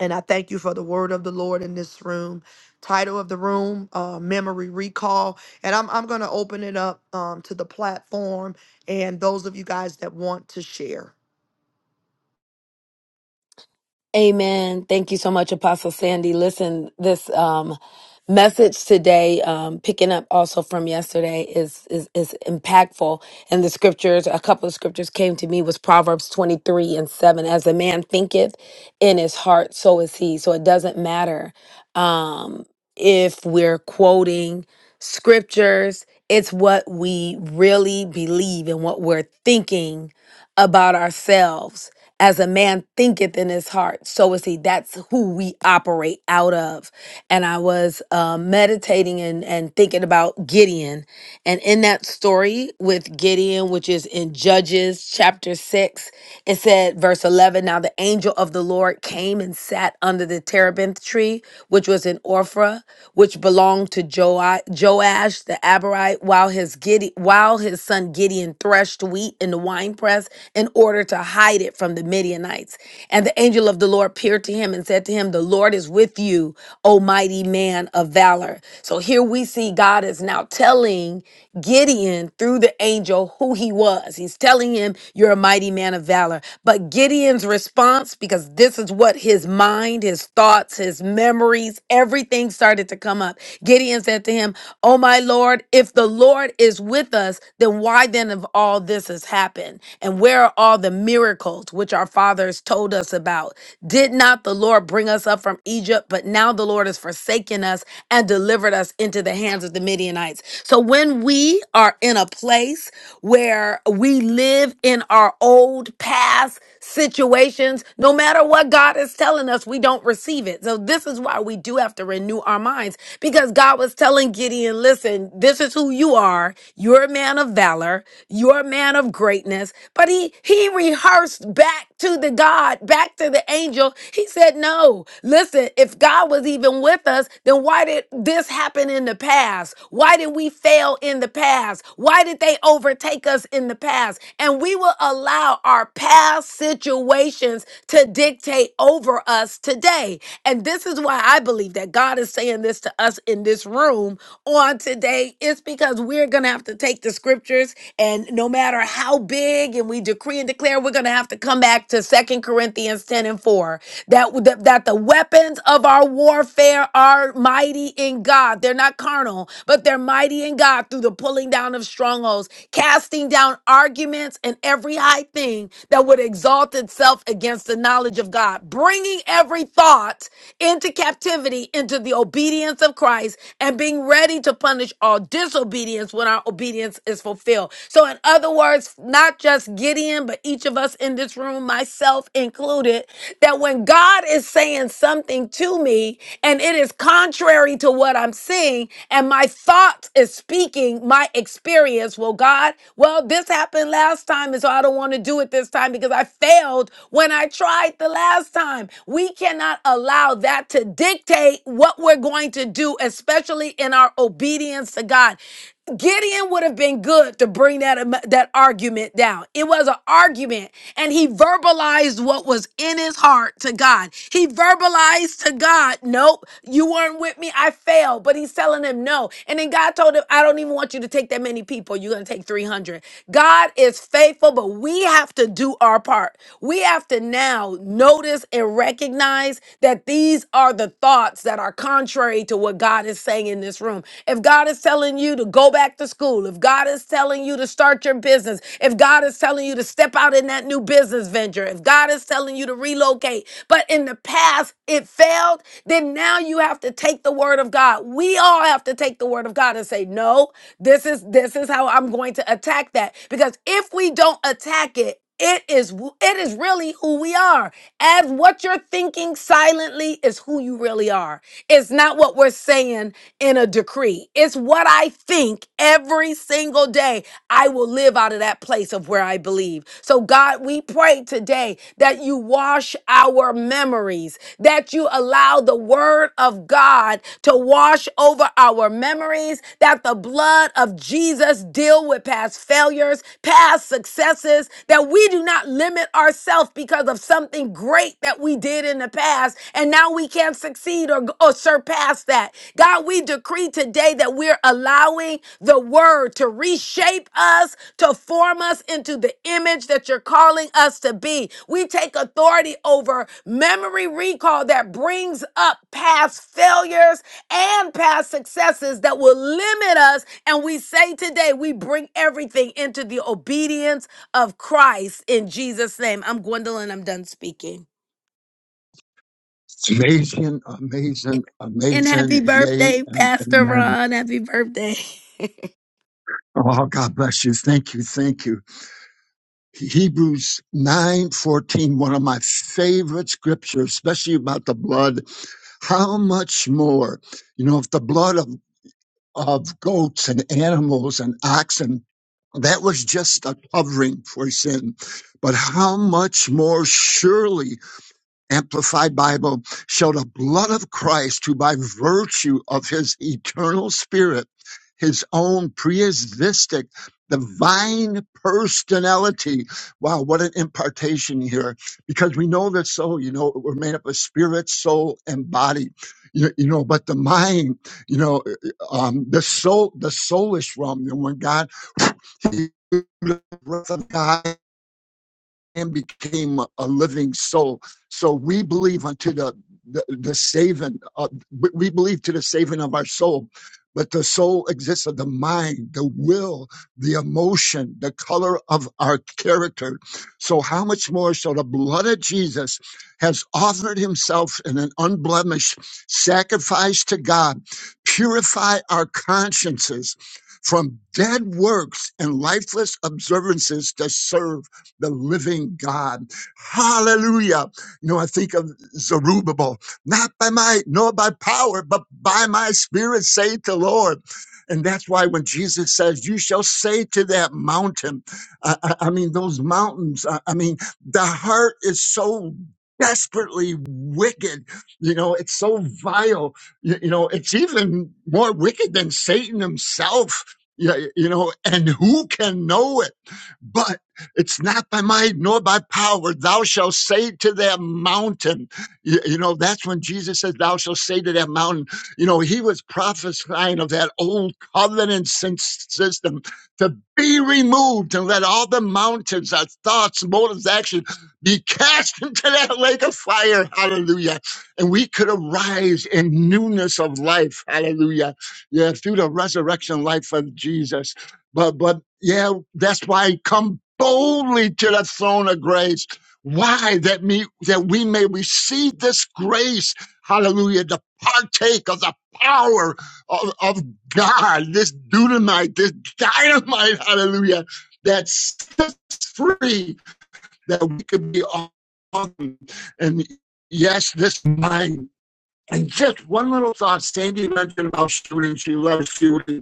[SPEAKER 1] And I thank you for the word of the Lord in this room. Title of the room, uh, Memory Recall. And I'm, I'm going to open it up um, to the platform and those of you guys that want to share.
[SPEAKER 2] Amen. Thank you so much, Apostle Sandy. Listen, this um, message today, um, picking up also from yesterday, is, is is impactful. And the scriptures, a couple of scriptures came to me was Proverbs twenty three and seven. As a man thinketh in his heart, so is he. So it doesn't matter um, if we're quoting scriptures. It's what we really believe and what we're thinking about ourselves as a man thinketh in his heart, so is he. That's who we operate out of and I was um, meditating and, and thinking about Gideon. And in that story with Gideon, which is in Judges chapter 6, it said, verse 11 Now the angel of the Lord came and sat under the terebinth tree, which was in Orphra, which belonged to Joa- Joash the Abarite, while his, Gide- while his son Gideon threshed wheat in the winepress in order to hide it from the Midianites. And the angel of the Lord appeared to him and said, and said to him, The Lord is with you, O mighty man of valor. So here we see God is now telling Gideon through the angel who he was. He's telling him, You're a mighty man of valor. But Gideon's response, because this is what his mind, his thoughts, his memories, everything started to come up. Gideon said to him, Oh, my Lord, if the Lord is with us, then why then have all this has happened? And where are all the miracles which our fathers fathers told us about. Did not the Lord bring us up from Egypt? But now the Lord has forsaken us and delivered us into the hands of the Midianites. So when we are in a place where we live in our old past situations, no matter what God is telling us, we don't receive it. So this is why we do have to renew our minds because God was telling Gideon, listen, this is who you are. You're a man of valor. You're a man of greatness. But he, he rehearsed back to the God, back to the angel. He said, No, listen, if God was even with us, then why did this happen in the past? Why did we fail in the past? Why did they overtake us in the past? And we will allow our past situations to dictate over us today. And this is why I believe that God is saying this to us in this room on today. It's because we're going to have to take the scriptures, and no matter how big big and we decree and declare we're going to have to come back to Second Corinthians 10 and 4 that that that the weapons of our warfare are mighty in God. They're not carnal, but they're mighty in God through the pulling down of strongholds, casting down arguments and every high thing that would exalt itself against the knowledge of God, bringing every thought into captivity into the obedience of Christ and being ready to punish all disobedience when our obedience obedience is fulfilled. So, in other words, not just Gideon, but each of us in this room, myself included, that when God is saying something to me and it is contrary to what I'm seeing, and my thoughts is speaking my experience, well, God, well, this happened last time, and so I don't want to do it this time because I failed when I tried the last time. We cannot allow that to dictate what we're going to do, especially in our obedience to God. Gideon would have been good to bring that am- that argument down. It was an argument, and he verbalized what was in his heart to God. He verbalized to God, "Nope, you weren't with me. I failed." But he's telling him no, and then God told him, "I don't even want you to take that many people. You're gonna take 300." God is faithful, but we have to do our part. We have to now notice and recognize that these are the thoughts that are contrary to what God what God is saying in this room. If God is telling you to go back to school, if God is telling you to start your business, if God is telling you to step out in that new business venture, if God is telling you to relocate, but in the past it failed, then now you have to take the word of God. We all have to take the word of God and say, "No, this is this is how I'm going to attack that." Because if we don't attack it, it is wh- it is really who we are. As what you're thinking silently is who you really are. It's not what we're saying in a decree. It's what I think every single day. I will live out of that place of where I believe. So God, we pray today that you wash our memories, that you allow the word of God to wash over our memories, that the blood of Jesus deal with past failures, past successes Jesus, that we do not limit ourselves because of something great that we did in the past, and now we can't succeed or, or surpass that. God, we decree today that we're allowing the word to reshape us, to form us into the image that you're calling us to be. We take authority over memory recall that brings up past failures and past successes that will limit us. And we say today, we bring everything into the obedience of Christ in Jesus' name. I'm Gwendolyn. I'm done speaking.
[SPEAKER 8] It's amazing, amazing,
[SPEAKER 2] And
[SPEAKER 8] amazing.
[SPEAKER 2] happy
[SPEAKER 8] Yay
[SPEAKER 2] birthday,
[SPEAKER 8] and
[SPEAKER 2] Pastor
[SPEAKER 8] amen.
[SPEAKER 2] Ron. Happy birthday. *laughs*
[SPEAKER 8] Oh, God bless you. Thank you. Thank you. Hebrews nine fourteen one of my favorite scriptures, especially about the blood. How much more, you know, if the blood of, of goats and animals and oxen, that was just a covering for sin. But how much more surely Amplified Bible show the blood of Christ who by virtue of his eternal spirit, his own preisistic divine personality. Wow, what an impartation here. Because we know that soul, you know, we're made up of spirit, soul, and body. You, you know, but the mind, you know, um, the soul, the soulish realm, you know, when God, the breath of God and became a living soul. So we believe unto the the, the saving. Of, we we believe to the saving of our soul, but the soul exists of the mind, the will, the emotion, the color of our character. So how much more so the blood of Jesus has offered Himself in an unblemished sacrifice to God, purify our consciences. From dead works and lifeless observances to serve the living God. Hallelujah. You know, I think of Zerubbabel, not by might nor by power, but by my spirit, say the Lord. And that's why when Jesus says, You shall say to that mountain, I, I- I mean, those mountains, I, I mean, the heart is so desperately wicked. You know, it's so vile. You, you know, it's even more wicked than Satan himself. Yeah, you know, and who can know it? It's not by might nor by power. Thou shalt say to that mountain. You, you know, that's when Jesus says, Thou shalt say to that mountain. You know, he was prophesying of that old covenant system to be removed and let all the mountains, our thoughts, motives, actions be cast *laughs* into that lake of fire. Hallelujah. And we could arise in newness of life. Hallelujah. Yeah, through the resurrection life of Jesus. But but yeah, that's why come boldly to the throne of grace. Why that me that we may receive this grace, hallelujah, to partake of the power of, of God, this dynamite, this dynamite, hallelujah, that sets us free, that we could be on. And yes, this mind. And just one little thought, Sandy mentioned about shooting. She loves shooting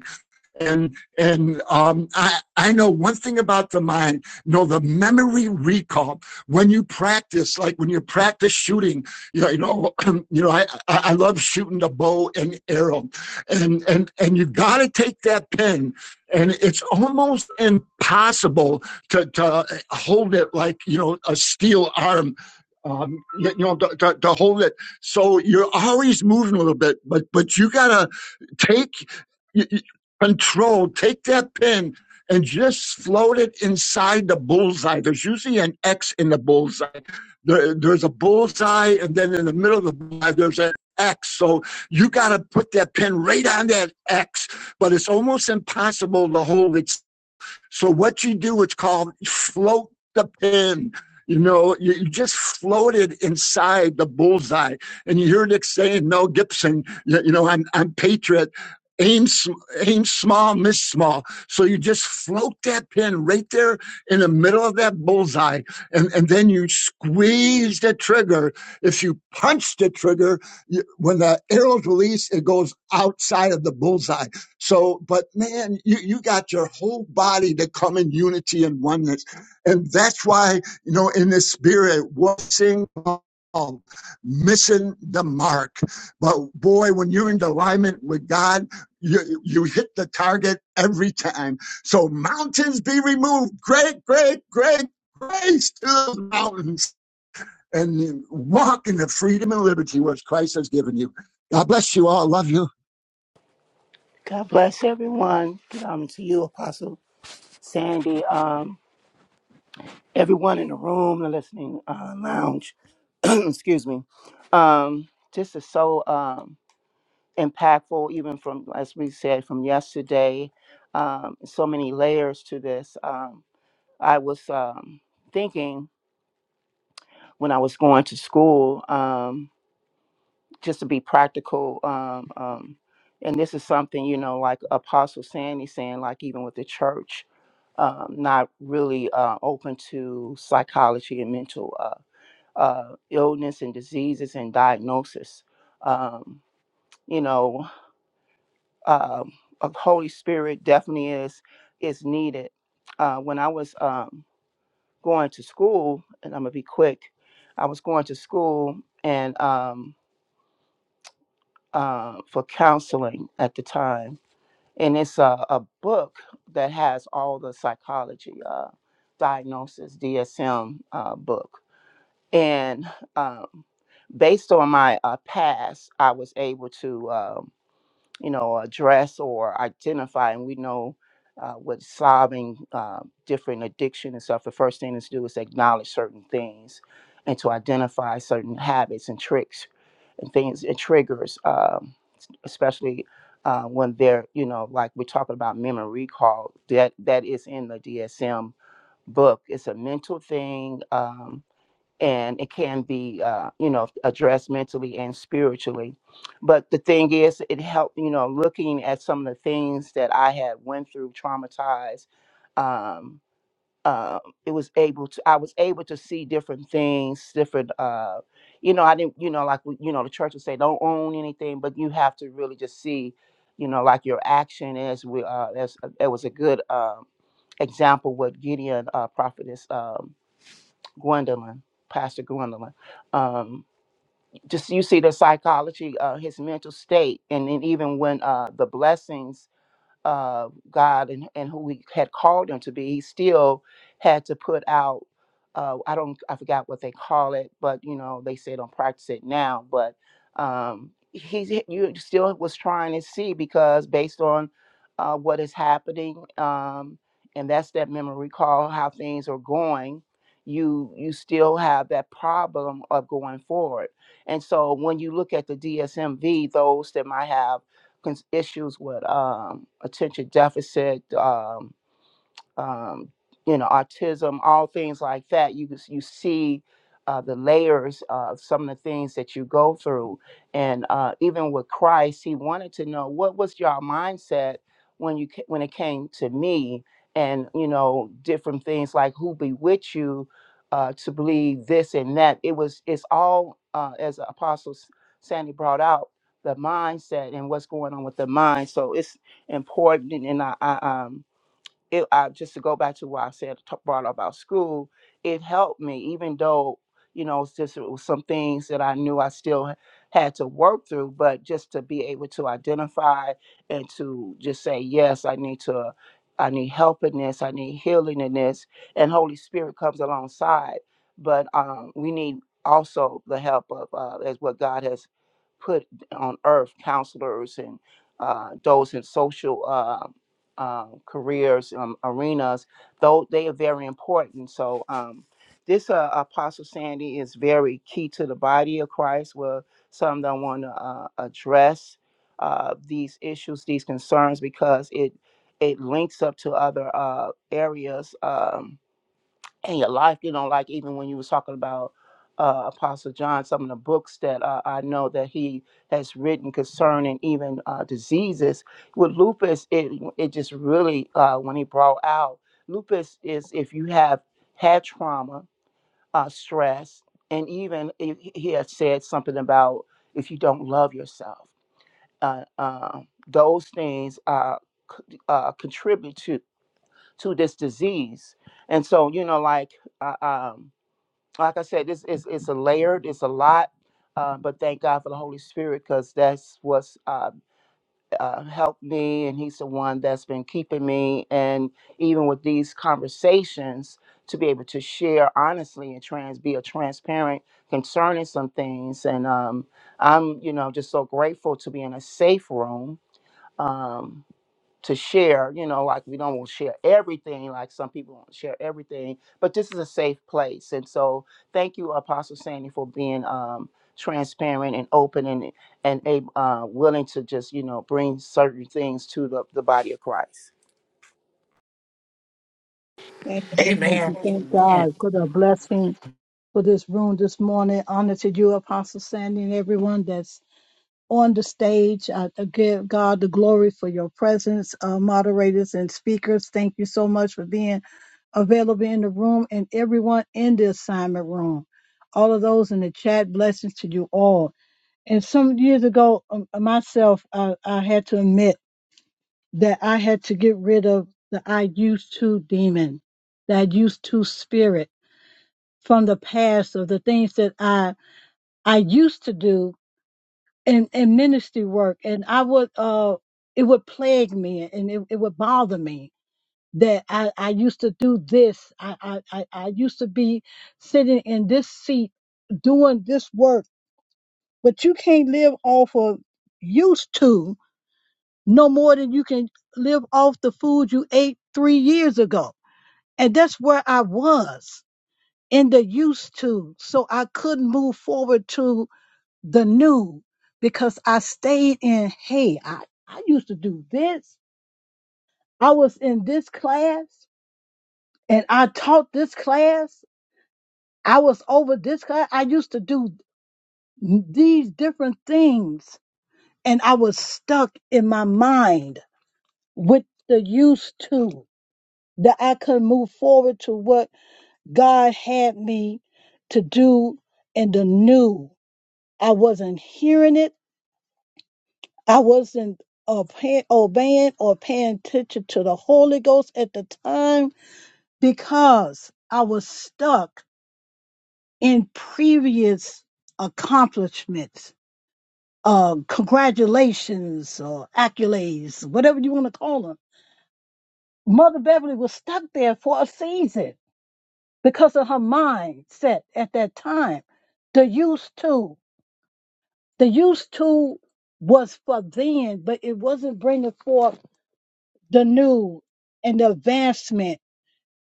[SPEAKER 8] and and um, I I know one thing about the mind. you Know the memory recall when you practice, like when you practice shooting. You know, *clears throat* you know, you know. I I love shooting the bow and arrow, and and and you got to take that pen. And it's almost impossible to, to hold it like you know a steel arm um, you, know, to, to, to hold it. So you're always moving a little bit, but but you gotta take. you, control, take that pin and just float it inside the bullseye. There's usually an X in the bullseye. There- there's a bullseye, and then in the middle of the bullseye, there's an X. So you got to put that pin right on that X, but it's almost impossible to hold it so what you do, it's called float the pin. You know, you, you just floated inside the bullseye. And you hear Nick saying, Mel Gibson, you, know, I'm, I'm patriot. Aim, aim small, miss small. So you just float that pin right there in the middle of that bullseye, and, and then you squeeze the trigger. If you punch the trigger, you, when the arrow's released, it goes outside of the bullseye. So, but man, you, you got your whole body to come in unity and oneness. And that's why, you know, in the spirit, what sing um, missing the mark. But boy, when you're in alignment with God, you, you hit the target every time. So mountains be removed. Great, great, great grace to the mountains. And walk in the freedom and liberty which Christ has given you. God bless you all. Love you.
[SPEAKER 3] God bless everyone. Um, to you, Apostle Sandy. Um, everyone in the room, the listening uh, lounge. *clears throat* excuse me. Um, this is so um impactful, even from as we said from yesterday. Um, so many layers to this. Um, I was um thinking when I was going to school. Um, just to be practical um, um, and this is something you know like apostle sandy saying like even with the church um, not really uh, open to psychology and mental uh, uh, illness and diseases and diagnosis um, you know um, a holy spirit definitely is is needed uh, when i was um, going to school and i'm gonna be quick i was going to school and um, uh, for counseling at the time and it's a, a book that has all the psychology uh, diagnosis DSM uh, book. And um, based on my uh, past, I was able to. uh, you know, address or identify, and we know uh, with solving uh, different addiction and stuff, the first thing is to do is acknowledge certain things and to identify certain habits and tricks and things and triggers, um, especially uh, when they're, you know, like we're talking about memory recall, that, that is in the DSM book. It's a mental thing. Um, and it can be uh, you know addressed mentally and spiritually but the thing is it helped you know looking at some of the things that i had went through traumatized um, uh, it was able to i was able to see different things different uh, you know i didn't you know like you know the church would say don't own anything but you have to really just see you know like your action is we uh, as there was a good um, example with gideon uh, prophetess um, Gwendolyn, Pastor Gwendolyn. Um, just you see the psychology, uh, his mental state, and then even when uh, the blessings uh, God and, and who He had called him to be, he still had to put out. Uh, I don't, I forgot what they call it, but you know, they say don't practice it now. But um, he, you still was trying to see because based on uh, what is happening, um, and that's that memory call, how things are going. You you still have that problem of going forward, and so when you look at the DSMV, those that might have cons- issues with um, attention deficit. Um, um, you know, autism, all things like that. You you see uh, the layers of some of the things that you go through, and uh, even with Christ, He wanted to know what was your mindset when you ca- when it came to me, and you know, different things like who be with you uh, to believe this and that. It was it's all uh, as Apostle S- Sandy brought out the mindset and what's going on with the mind. So it's important, and I, I um it uh, just to go back to what I said t- brought up about school, it helped me even though you know it's just it was some things that I knew I still h- had to work through, but just to be able to identify and to just say yes, I need to. I need help in this. I need healing in this, and Holy Spirit comes alongside. But um, we need also the help of uh, as what God has put on earth, counselors and uh, those in social. uh, um, careers, um, arenas, though they are very important. So, um, this uh, Apostle Sandy is very key to the body of Christ, where some don't want to uh, address uh, these issues, these concerns, because it it links up to other uh, areas. Um, in your life, you know, like even when you was talking about uh, Apostle John, some of the books that uh, I know that he has written concerning even uh, diseases with lupus, it it just really uh, when he brought out lupus is if you have had trauma, uh, stress, and even if he he had said something about if you don't love yourself, uh, uh, those things uh, c- uh, contribute to to this disease, and so you know like. Uh, um, like I said, this is it's a layered, it's a lot, uh, but thank God for the Holy Spirit because that's what's uh, uh, helped me, and He's the one that's been keeping me. And even with these conversations, to be able to share honestly and trans, be a transparent concerning some things, and um, I'm you know just so grateful to be in a safe room. Um, to share you know like we don't want to share everything like some people want to share everything but this is a safe place and so thank you apostle sandy for being um transparent and open and and ab- uh willing to just you know bring certain things to the, the body of christ
[SPEAKER 9] Amen.
[SPEAKER 5] Amen.
[SPEAKER 9] We Thank God for the blessing for this room this morning. Honor to you, Apostle Sandy, and everyone that's on the stage. I I give God the glory for your presence, uh, moderators and speakers. Thank you so much for being available in the room and everyone in the assignment room. All of those in the chat, blessings to you all. And some years ago, um, myself, I, I had to admit that I had to get rid of the I used to demon, that I used to spirit from the past of the things that I I used to do in, in ministry work and I would uh it would plague me and it, it would bother me that I, I used to do this. I, I, I I used to be sitting in this seat doing this work, but you can't live off of used to no more than you can live off the food you ate three years ago. And that's where I was in the used to. So I couldn't move forward to the new because I stayed in, hey, I, I used to do this. I was in this class and I taught this class. I was over this class. I used to do these different things and I was stuck in my mind with the used to that I could move forward to what God had me to do in the new. I wasn't hearing it. I wasn't uh, paying, obeying or paying attention to the Holy Ghost at the time because I was stuck in previous accomplishments, uh, congratulations or accolades, whatever you want to call them. Mother Beverly was stuck there for a season because of her mindset at that time. The used to, the used to was for then, but it wasn't bringing forth the new and the advancement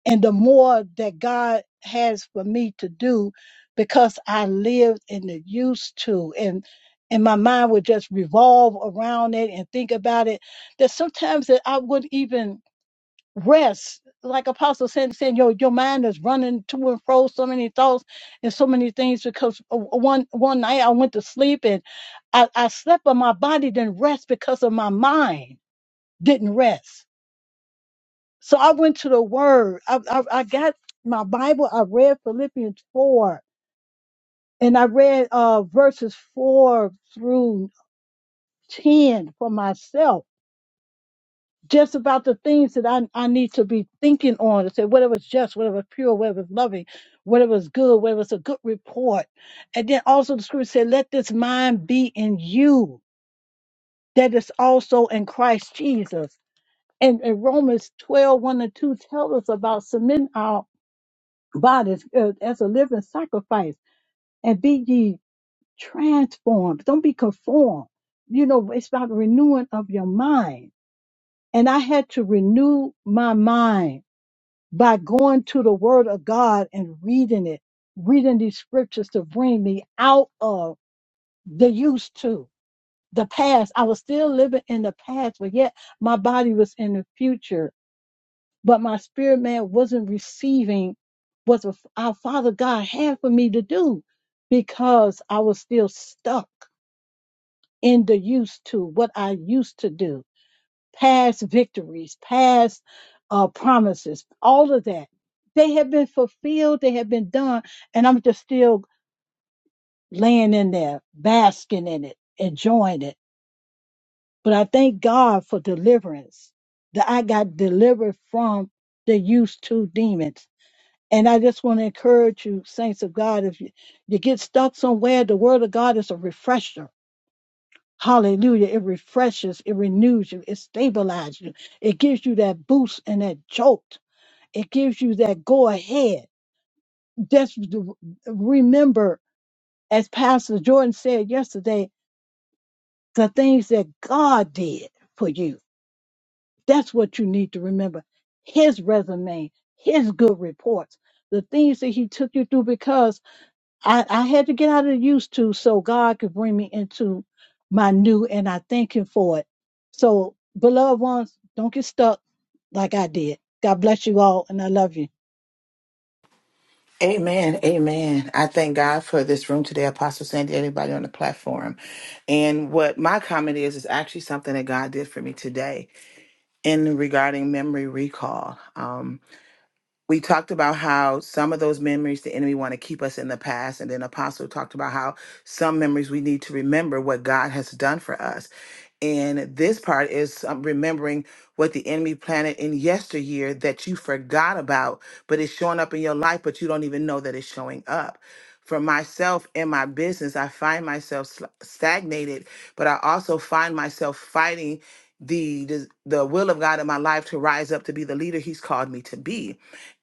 [SPEAKER 9] and the more that God has for me to do because I lived in the used to and and my mind would just revolve around it and think about it that sometimes that I wouldn't even rest like apostle Sandy saying your your mind is running to and fro so many thoughts and so many things because uh, one one night I went to sleep and I, I slept but my body didn't rest because of my mind didn't rest so I went to the Word. I, I, I got my Bible. I read Philippians 4 and I read uh, verses 4 through 10 for myself, just about the things that I, I need to be thinking on to say whatever's just, whatever's pure, whatever's loving, whatever's good, whatever's a good report. And then also the scripture said, let this mind be in you that is also in Christ Jesus. And, and Romans twelve one 1 and 2 tell us about submitting bodies as, as a living sacrifice and be ye transformed. Don't be conformed. You know, it's about renewing of your mind. And I had to renew my mind by going to the word of God and reading it, reading these scriptures to bring me out of the used to the past. I was still living in the past, but yet my body was in the future but my spirit man wasn't receiving what the- our Father God had for me to do because I was still stuck in the used to what I used to do, past victories, past uh, promises, all of that. They have been fulfilled, they have been done, and I'm just still laying in there, basking in it, enjoying it. But I thank God for deliverance that I got delivered from the used to demons And I just want to encourage you, saints of God, if you, you get stuck somewhere, the word of God is a refresher. Hallelujah. It refreshes, it renews you, it stabilizes you, it gives you that boost and that jolt, it gives you that go ahead. Just to remember, as Pastor Jordan said yesterday, the things that God did for you. That's what you need to remember. His resume, his good reports, the things that he took you through because I, I had to get out of the used to so God could bring me into my new, and I thank Him for it. So, beloved ones, don't get stuck like I did. God bless you all, and I love you.
[SPEAKER 5] Amen. Amen. I thank God for this room today, Apostle Sandy, everybody on the platform. And what my comment is, is actually something that God did for me today in regarding memory recall. Um, we talked about how some of those memories the enemy want to keep us in the past and then apostle talked about how some memories we need to remember what god has done for us and this part is um, remembering what the enemy planted in yesteryear that you forgot about but it's showing up in your life but you don't even know that it's showing up for myself in my business i find myself sl- stagnated but i also find myself fighting the, the the will of god in my life to rise up to be the leader he's called me to be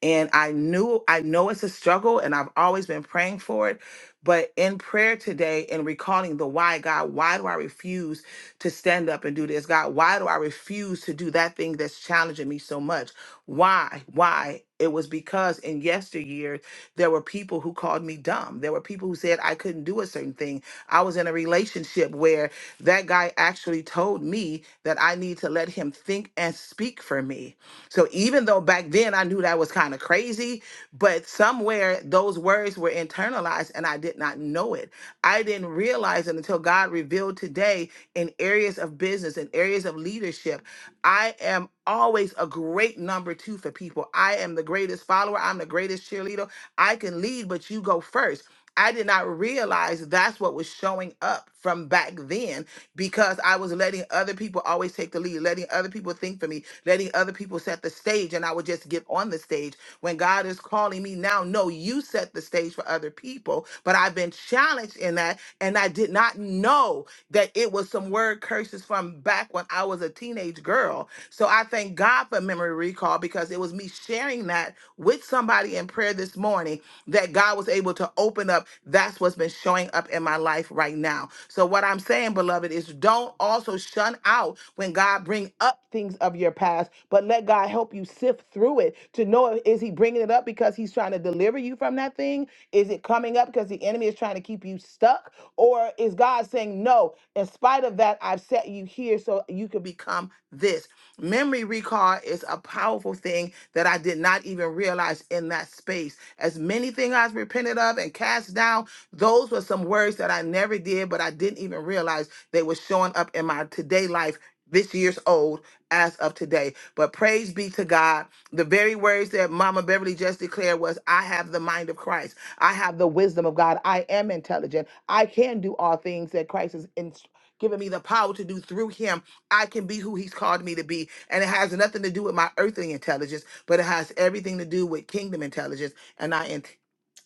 [SPEAKER 5] and I knew I know it's a struggle and I've always been praying for it. But in prayer today and recalling the why, God, why do I refuse to stand up and do this? God, why do I refuse to do that thing that's challenging me so much? Why? Why? It was because in yesteryear, there were people who called me dumb. There were people who said I couldn't do a certain thing. I was in a relationship where that guy actually told me that I need to let him think and speak for me. So even though back then I knew that was kind of crazy, but somewhere those words were internalized and I did not know it. I didn't realize it until God revealed today in areas of business in areas of leadership. I am always a great number two for people. I am the greatest follower. I'm the greatest cheerleader. I can lead, but you go first. I did not realize that's what was showing up from back then because I was letting other people always take the lead, letting other people think for me, letting other people set the stage, and I would just get on the stage. When God is calling me now, no, you set the stage for other people, but I've been challenged in that, and I did not know that it was some word curses from back when I was a teenage girl. So I thank God for memory recall because it was me sharing that with somebody in prayer this morning that God was able to open up. That's what's been showing up in my life my life right now. So what I'm saying, beloved, is don't also shun out when God bring up things of your past, but let God help you sift through it to know is he bringing it up because he's trying to deliver you from that thing? Is it coming up because the enemy is trying to keep you stuck? Or is God saying, "No, in spite of that, I've set you here so you can become this." Memory recall is a powerful thing that I did not even realize in that space. As many things I've repented of and cast down, those were some words that I never did, but I didn't even realize they were showing up in my today life. This year's old as of today. But praise be to God. The very words that Mama Beverly just declared was I have the mind of Christ. I have the wisdom of God. I am intelligent. I can do all things that Christ has in- given me the power to do through him. I can be who he's called me to be. And it has nothing to do with my earthly intelligence, but it has everything to do with kingdom intelligence. and I."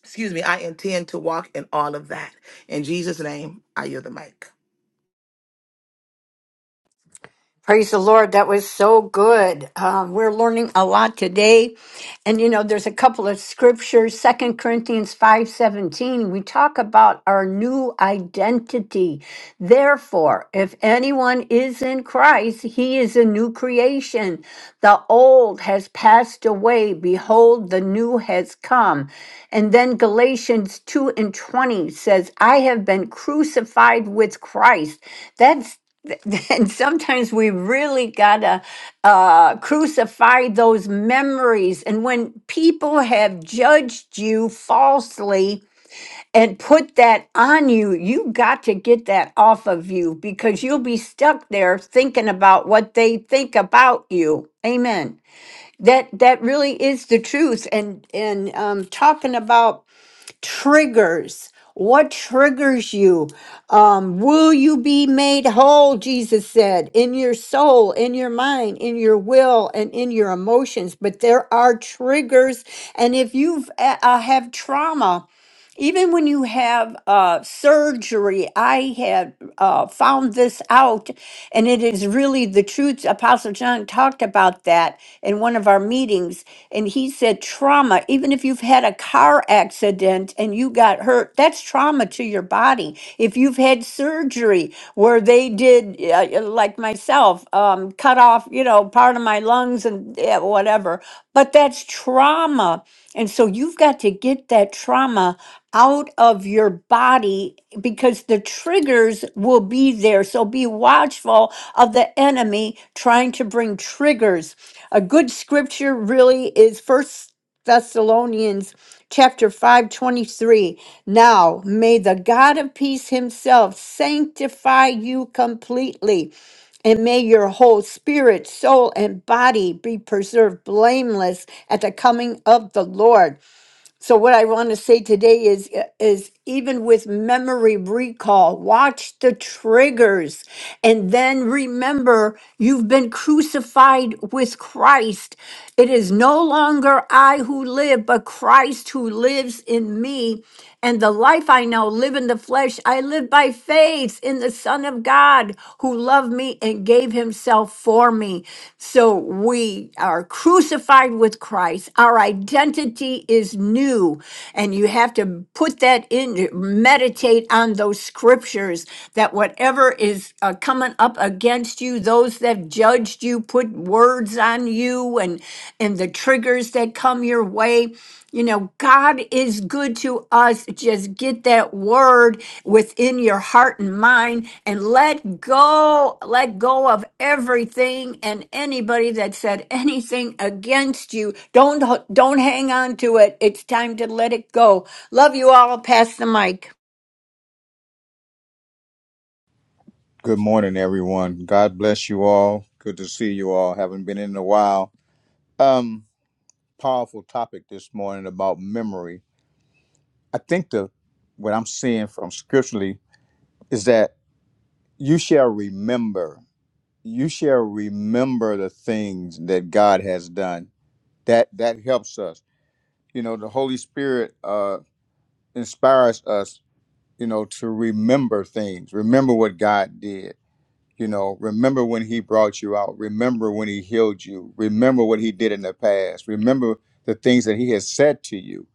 [SPEAKER 5] Excuse me, I intend to walk in all of that. In Jesus' name, I yield the mic.
[SPEAKER 7] Praise the Lord. That was so good. Um, we're learning a lot today. And you know, there's a couple of scriptures, Second Corinthians 5:17. We talk about our new identity. Therefore, if anyone is in Christ, he is a new creation. The old has passed away. Behold, the new has come. And then Galatians 2 and 20 says, I have been crucified with Christ. That's *laughs* and sometimes we really gotta uh, crucify those memories. And when people have judged you falsely and put that on you, you got to get that off of you because you'll be stuck there thinking about what they think about you. Amen. That that really is the truth. And and um, talking about triggers what triggers you um will you be made whole jesus said in your soul in your mind in your will and in your emotions but there are triggers and if you've uh, uh, have trauma even when you have uh, surgery, I had uh, found this out, and it is really the truth. Apostle John talked about that in one of our meetings, and he said trauma, even if you've had a car accident and you got hurt, that's trauma to your body. If you've had surgery where they did, uh, like myself, um, cut off, you know, part of my lungs and yeah, whatever. But that's trauma. And so you've got to get that trauma out of your body because the triggers will be there. So be watchful of the enemy trying to bring triggers. A good scripture really is First Thessalonians chapter 5 23. now may the god of peace himself sanctify you completely and may your whole spirit, soul, and body be preserved blameless at the coming of the Lord. So what I want to say today is uh, is even with memory recall, watch the triggers and then remember you've been crucified with Christ. It is no longer I who live, but Christ who lives in me. And the life I now live in the flesh, I live by faith in the Son of of God who loved me and gave himself for me. So we are crucified with Christ. Our identity is new. And you have to put that in, meditate on those scriptures that whatever is uh, coming up against you, those that judged you put words on you and, and the triggers that come your way. You know, God is good to us. Just get that word within your heart and mind and let go, let go of everything and anybody that said anything against you. Don't don't hang on to it. It's time to let it go. Love you all. Pass the mic.
[SPEAKER 10] Good morning, everyone. God bless you all. Good to see you all. Haven't been in a while. Um, powerful topic this morning about memory. I think the what I'm seeing from scripturally is that you shall remember. You shall remember the things that God has done. That that helps us. You know, the Holy Spirit uh inspires us, you know, to remember things, remember what God did You know, remember when he brought you out. Remember when he healed you. Remember what he did in the past. Remember the things that he has said to you.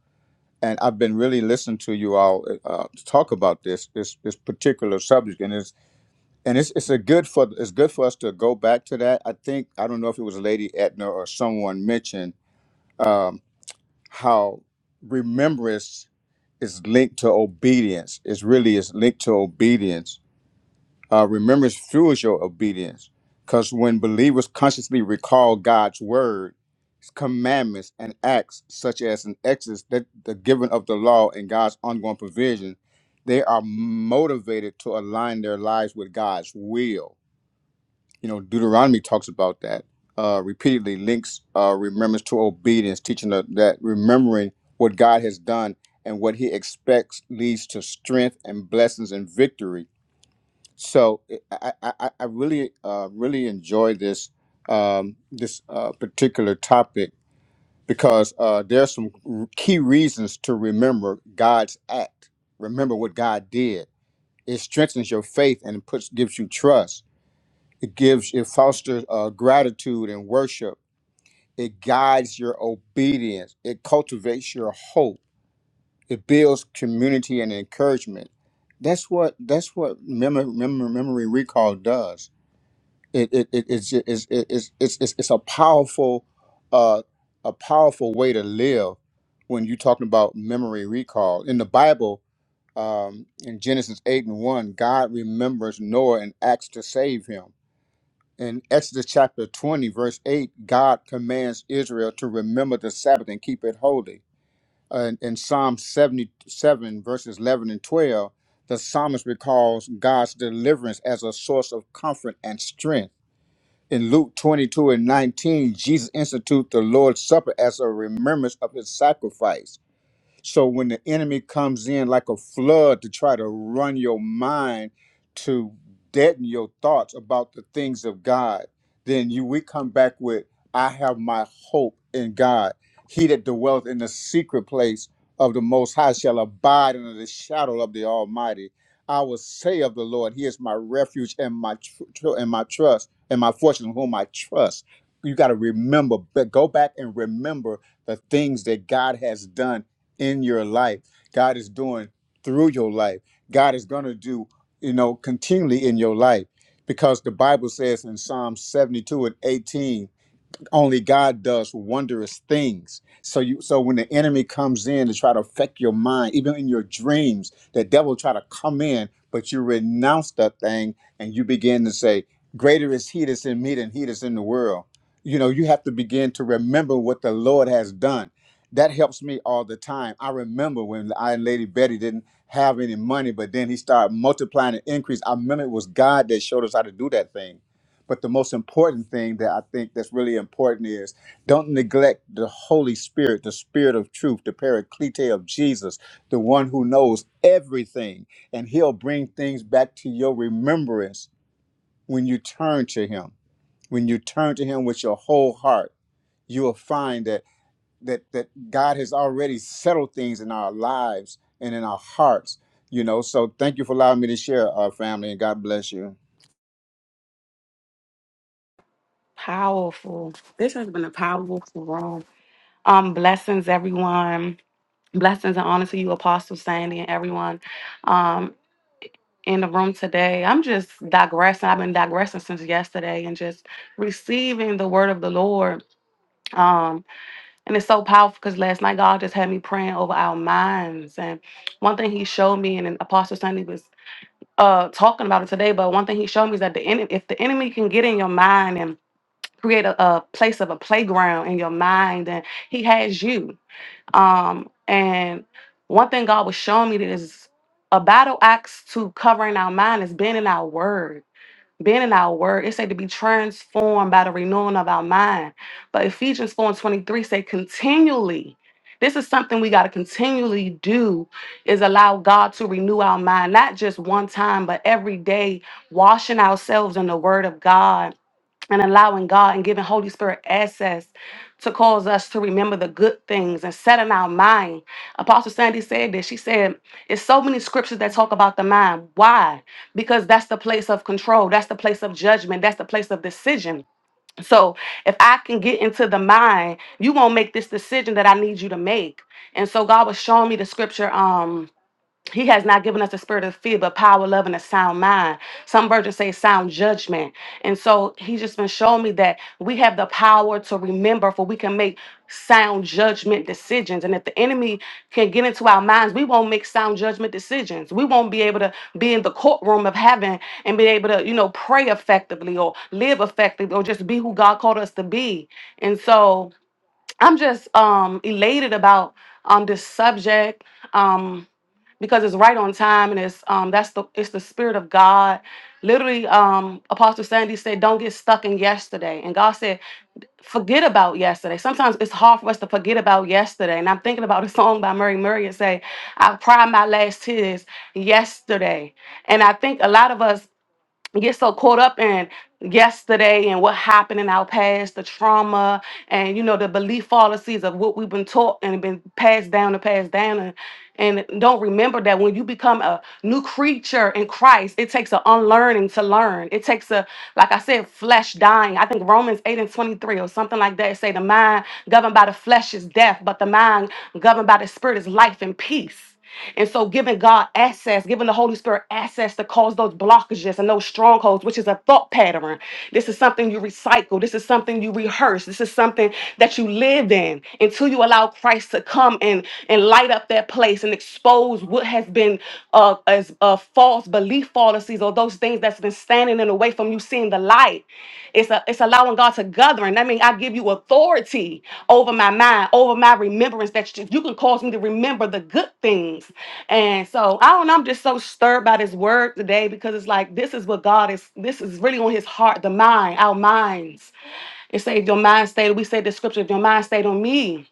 [SPEAKER 10] And I've been really listening to you all uh, talk about this this this particular subject, and it's and it's it's a good for it's good for us to go back to that. I think I don't know if it was Lady Etna or someone mentioned um, how remembrance is linked to obedience. It's really is linked to obedience uh, remembrance fuels your obedience. Because when believers consciously recall God's word, his commandments, and acts, such as an exodus, that the giving of the law, and God's ongoing provision, they are motivated to align their lives with God's will. You know, Deuteronomy talks about that uh, repeatedly, links uh, remembrance to obedience, teaching that, that remembering what God has done and what he expects leads to strength and blessings and victory so eh, I, I, I really uh, really enjoy this um, this uh, particular topic because uh, there are some r- key reasons to remember God's act. Remember what God did. It strengthens your faith and puts gives you trust. It gives it fosters uh, gratitude and worship. It guides your obedience. It cultivates your hope. It builds community and encouragement. That's what that's what memory, memory recall does it, it, it it's, ju- it's, it- it's it's it's it's a powerful uh a powerful way to live when you're talking about memory recall in the bible um in genesis 8 and 1 god remembers noah and acts to save him in exodus chapter 20 verse 8 god commands israel to remember the sabbath and keep it holy and in psalm 77 verses 11 and 12 the psalmist recalls god's deliverance as a source of comfort and strength in Luke 22 and 19, Jesus instituted the Lord's Supper as a remembrance of his sacrifice. So when the enemy comes in like a flood to try to run your mind to deaden your thoughts about the things of God, then you we come back with I have my hope in God. He that dwelleth in the secret place of the most high shall abide under the shadow of the Almighty. I will say of the Lord, He is my refuge and my tr- tr- and my trust and my fortune, in whom I trust. You got to remember, but go back and remember the things that God has done in your life, God is doing through your life, God is going to do, you know, continually in your life. Because the Bible says in Psalm 72 and 18, only God does wondrous things. So you so when the enemy comes in to try to affect your mind, even in your dreams, the devil try to come in, but you renounce that thing and you begin to say, Greater is he that's in me than he that's in the world. You know, you have to begin to remember what the Lord has done. That helps me all the time. I remember when I and Lady Betty didn't have any money, but then he started multiplying and increase. I remember it was God that showed us how to do that thing but the most important thing that I think that's really important is don't neglect the Holy Spirit, the Spirit of truth, the Paraclete of Jesus, the one who knows everything, and He'll bring things back to your remembrance when you turn to Him. When you turn to Him with your whole heart, you will find that that that God has already settled things in our lives and in our hearts. You know, so thank you for allowing me to share, our family, and God bless you.
[SPEAKER 11] Powerful. This has been a powerful room. Um, blessings, everyone. Blessings and honor to you, Apostle Sandy, and everyone um, in the room today. I'm just digressing. I've been digressing since yesterday and just receiving the word of the Lord. Um, and it's so powerful because last night God just had me praying over our minds. And one thing He showed me, and then Apostle Sandy was uh, talking about it today, but one thing He showed me is that the enemy, if the enemy can get in your mind create a, a place of a playground in your mind and he has you um and one thing god was showing me that is a battle axe to covering our mind is being in our word being in our word it said to be transformed by the renewing of our mind but ephesians 4 and 23 say continually this is something we got to continually do is allow god to renew our mind not just one time but every day washing ourselves in the word of god and allowing God and giving Holy Spirit access to cause us to remember the good things and set in our mind. Apostle Sandy said this. She said, It's so many scriptures that talk about the mind. Why? Because that's the place of control, that's the place of judgment, that's the place of decision. So if I can get into the mind, you won't make this decision that I need you to make. And so God was showing me the scripture. Um, he has not given us a spirit of fear, but power, love, and a sound mind. Some versions say sound judgment. And so he's just been showing me that we have the power to remember, for we can make sound judgment decisions. And if the enemy can get into our minds, we won't make sound judgment decisions. We won't be able to be in the courtroom of heaven and be able to, you know, pray effectively or live effectively or just be who God called us to be. And so I'm just um elated about um this subject um because it's right on time and it's um that's the it's the spirit of God. Literally, um Apostle Sandy said, "Don't get stuck in yesterday," and God said, forget about yesterday. Sometimes it's hard for us to forget about yesterday. And I'm thinking about a song by Murray Murray and say, I cried my last tears yesterday. And I think a lot of us get so caught up in yesterday and what happened in our past, the trauma and you know the belief fallacies of what we've been taught and been passed down and passed down and and don't remember that when you become a new creature in Christ, it takes an unlearning to learn. It takes a, like I said, flesh dying. I think Romans 8 and 23 or something like that say the mind governed by the flesh is death, but the mind governed by the spirit is life and peace. And so, giving God access, giving the Holy Spirit access to cause those blockages and those strongholds, which is a thought pattern. This is something you recycle. This is something you rehearse. This is something that you live in until you allow Christ to come and, and light up that place and expose what has been uh, as uh, false belief fallacies or those those things that's been standing in the way from you seeing the light. It's a, it's allowing God to govern. That means I give you authority over my mind, over my remembrance. That you you can cause me to remember the good things. And so I don't know. I'm just so stirred by this word today because it's like this is what God is. This is really on His heart, the mind, our minds. It said, if your mind stayed, we said the scripture, if your mind stayed on me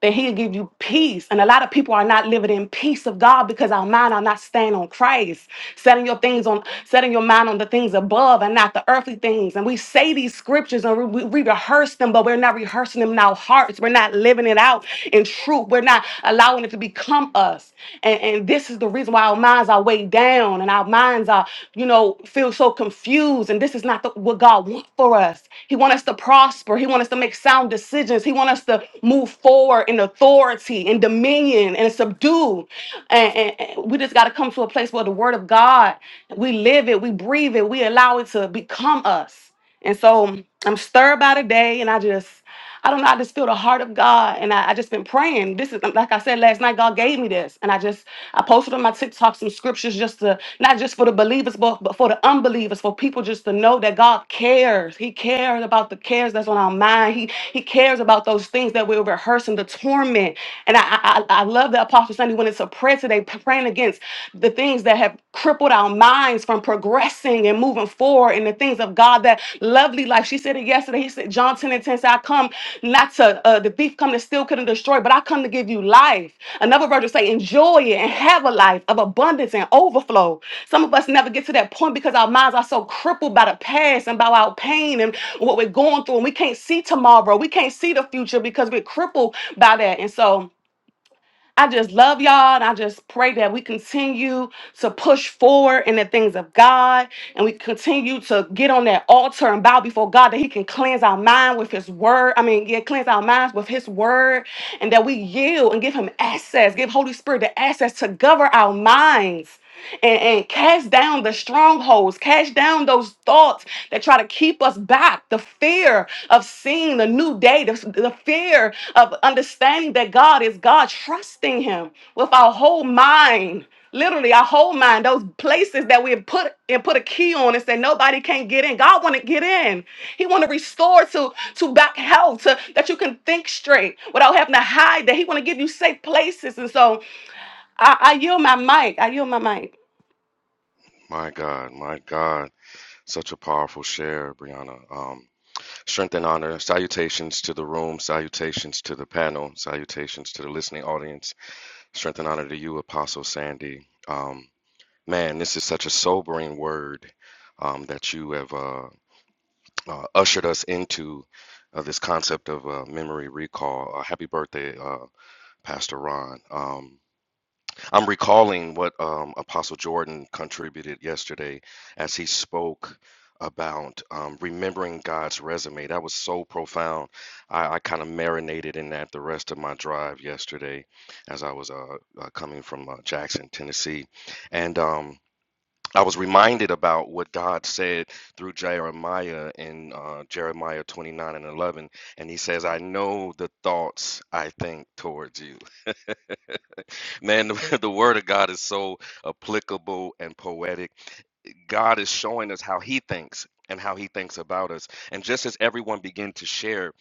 [SPEAKER 11] that he'll give you peace. And a lot of people are not living in peace of God because our mind are not staying on Christ, setting your things on, setting your mind on the things above and not the earthly things. And we say these scriptures and we, we rehearse them, but we're not rehearsing them in our hearts. We're not living it out in truth. We're not allowing it to become us. And, and this is the reason why our minds are weighed down and our minds are, you know, feel so so confused and this is not the, what God wants for us. He wants us to prosper. He wants us to make sound decisions. He wants us to move forward in authority and dominion and subdue. And, and- and we just got to come to a place where the word of God, we live it, we breathe it, we allow it to become us. And so I'm stirred by the day and I just I don't know. I just feel the heart of God, and I, I just been praying. This is like I said last night. God gave me this, and I just I posted on my TikTok some scriptures just to not just for the believers, but but for the unbelievers, for people just to know that God cares. He cares about the cares that's on our mind. He He cares about those things that we're rehearsing, the torment. And I I, I I love that Apostle Sunday when it's a prayer today, p- praying against the things that have crippled our minds from from progressing and moving forward in the things of God. That lovely life. She said it yesterday. He said, John 10 and 10 said, I come not to, uh, the thief come to steal, kill, and destroy, but I come to give you life. Another verse will say, enjoy it and have a life of abundance and overflow. Some of us never get to that point because our minds are so crippled by the past and by our pain and what we're going through. And we can't see tomorrow. We can't see the future because we're crippled by that. And so, I just love y'all and I just pray that we continue to push forward in the things of God and we continue to get on that altar and bow before God that He can cleanse our mind with His word. I mean, yeah, cleanse our minds with His word and that we yield and give Him access, give Holy Spirit the access to govern our minds and, and cast down the strongholds, cast down those thoughts that try to keep us back. The fear of seeing the new day, the, the fear of understanding that God is God, trusting Him with our whole mind. Literally, our whole mind, those places that we have put and put a key on and said nobody can get in. God want to get in. He want to restore to to back health, to, that you can think straight without having to hide. That He want to give you safe places. And so I, I yield my mic. I yield my mic.
[SPEAKER 6] My God, my God. Such a powerful share, Brianna. Um, strength and honor. Salutations to the room. Salutations to the panel. Salutations to the listening audience. Strength and honor to you, Apostle Sandy. Um, man, this is such a sobering word um, that you have uh, uh, ushered us into uh, this concept of uh, memory recall. Uh, happy birthday, uh, Pastor Ron. Um, I'm recalling what um, Apostle Jordan contributed yesterday as he spoke about um, remembering God's resume. That was so profound. I, I kind of marinated in that the rest of my drive yesterday as I was uh, uh, coming from uh, Jackson, Tennessee. And um, I was reminded about what God said through Jeremiah in uh, Jeremiah 29 and 11. And he says, I know the thoughts I think towards you. Man, the, *laughs* the word of God is so applicable and poetic. God is showing us how he thinks and how he thinks about us. And just as everyone began to share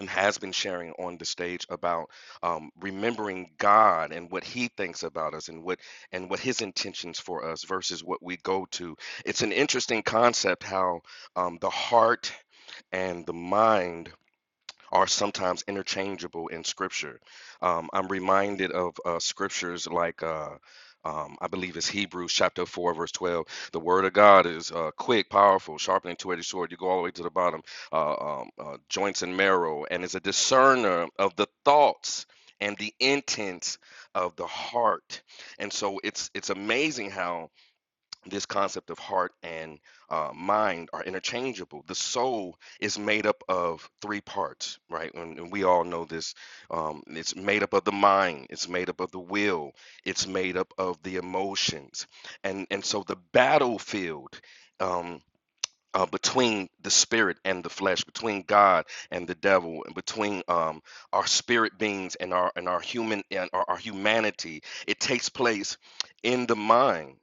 [SPEAKER 6] and has been sharing on the stage about um, remembering God and what he thinks about us and what and what his intentions for us versus what we go to. It's an interesting concept how um, the heart and the mind are sometimes interchangeable in scripture. Um, I'm reminded of uh, scriptures like, uh, um, I believe it's Hebrews chapter 4, verse 12. The word of God is uh, quick, powerful, sharper than two edged sword. You go all the way to the bottom, uh, um, uh, joints and marrow, and is a discerner of the thoughts and the intents of the heart. And so it's it's amazing how this concept of heart and uh, mind are interchangeable. The soul is made up of three parts, right? And, and we all know this. Um, it's made up of the mind, it's made up of the will, it's made up of the emotions, and and so the battlefield. Um, uh, between the spirit and the flesh, between God and the devil, and between um, our spirit beings and our and our human and our, our humanity, it takes place in the mind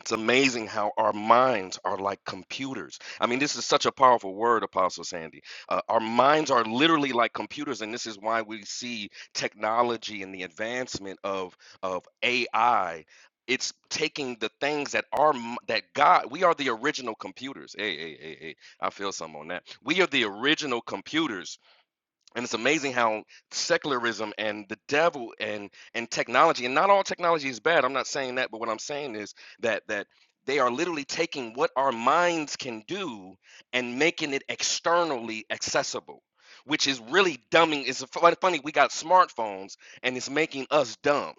[SPEAKER 6] it's amazing how our minds are like computers. I mean, this is such a powerful word, Apostle Sandy. Uh, our minds are literally like computers, and this is why we see technology and the advancement of of AI. It's taking the things that are m- that God. We are the original computers. Hey, hey, hey, hey. I feel some on that. We are the original computers and it's amazing how secularism and the devil and and technology and not all technology is bad i'm not saying that but what i'm saying is that that they are literally taking what our minds can do and making it externally accessible which is really dumbing it's funny we got smartphones and it's making us dumb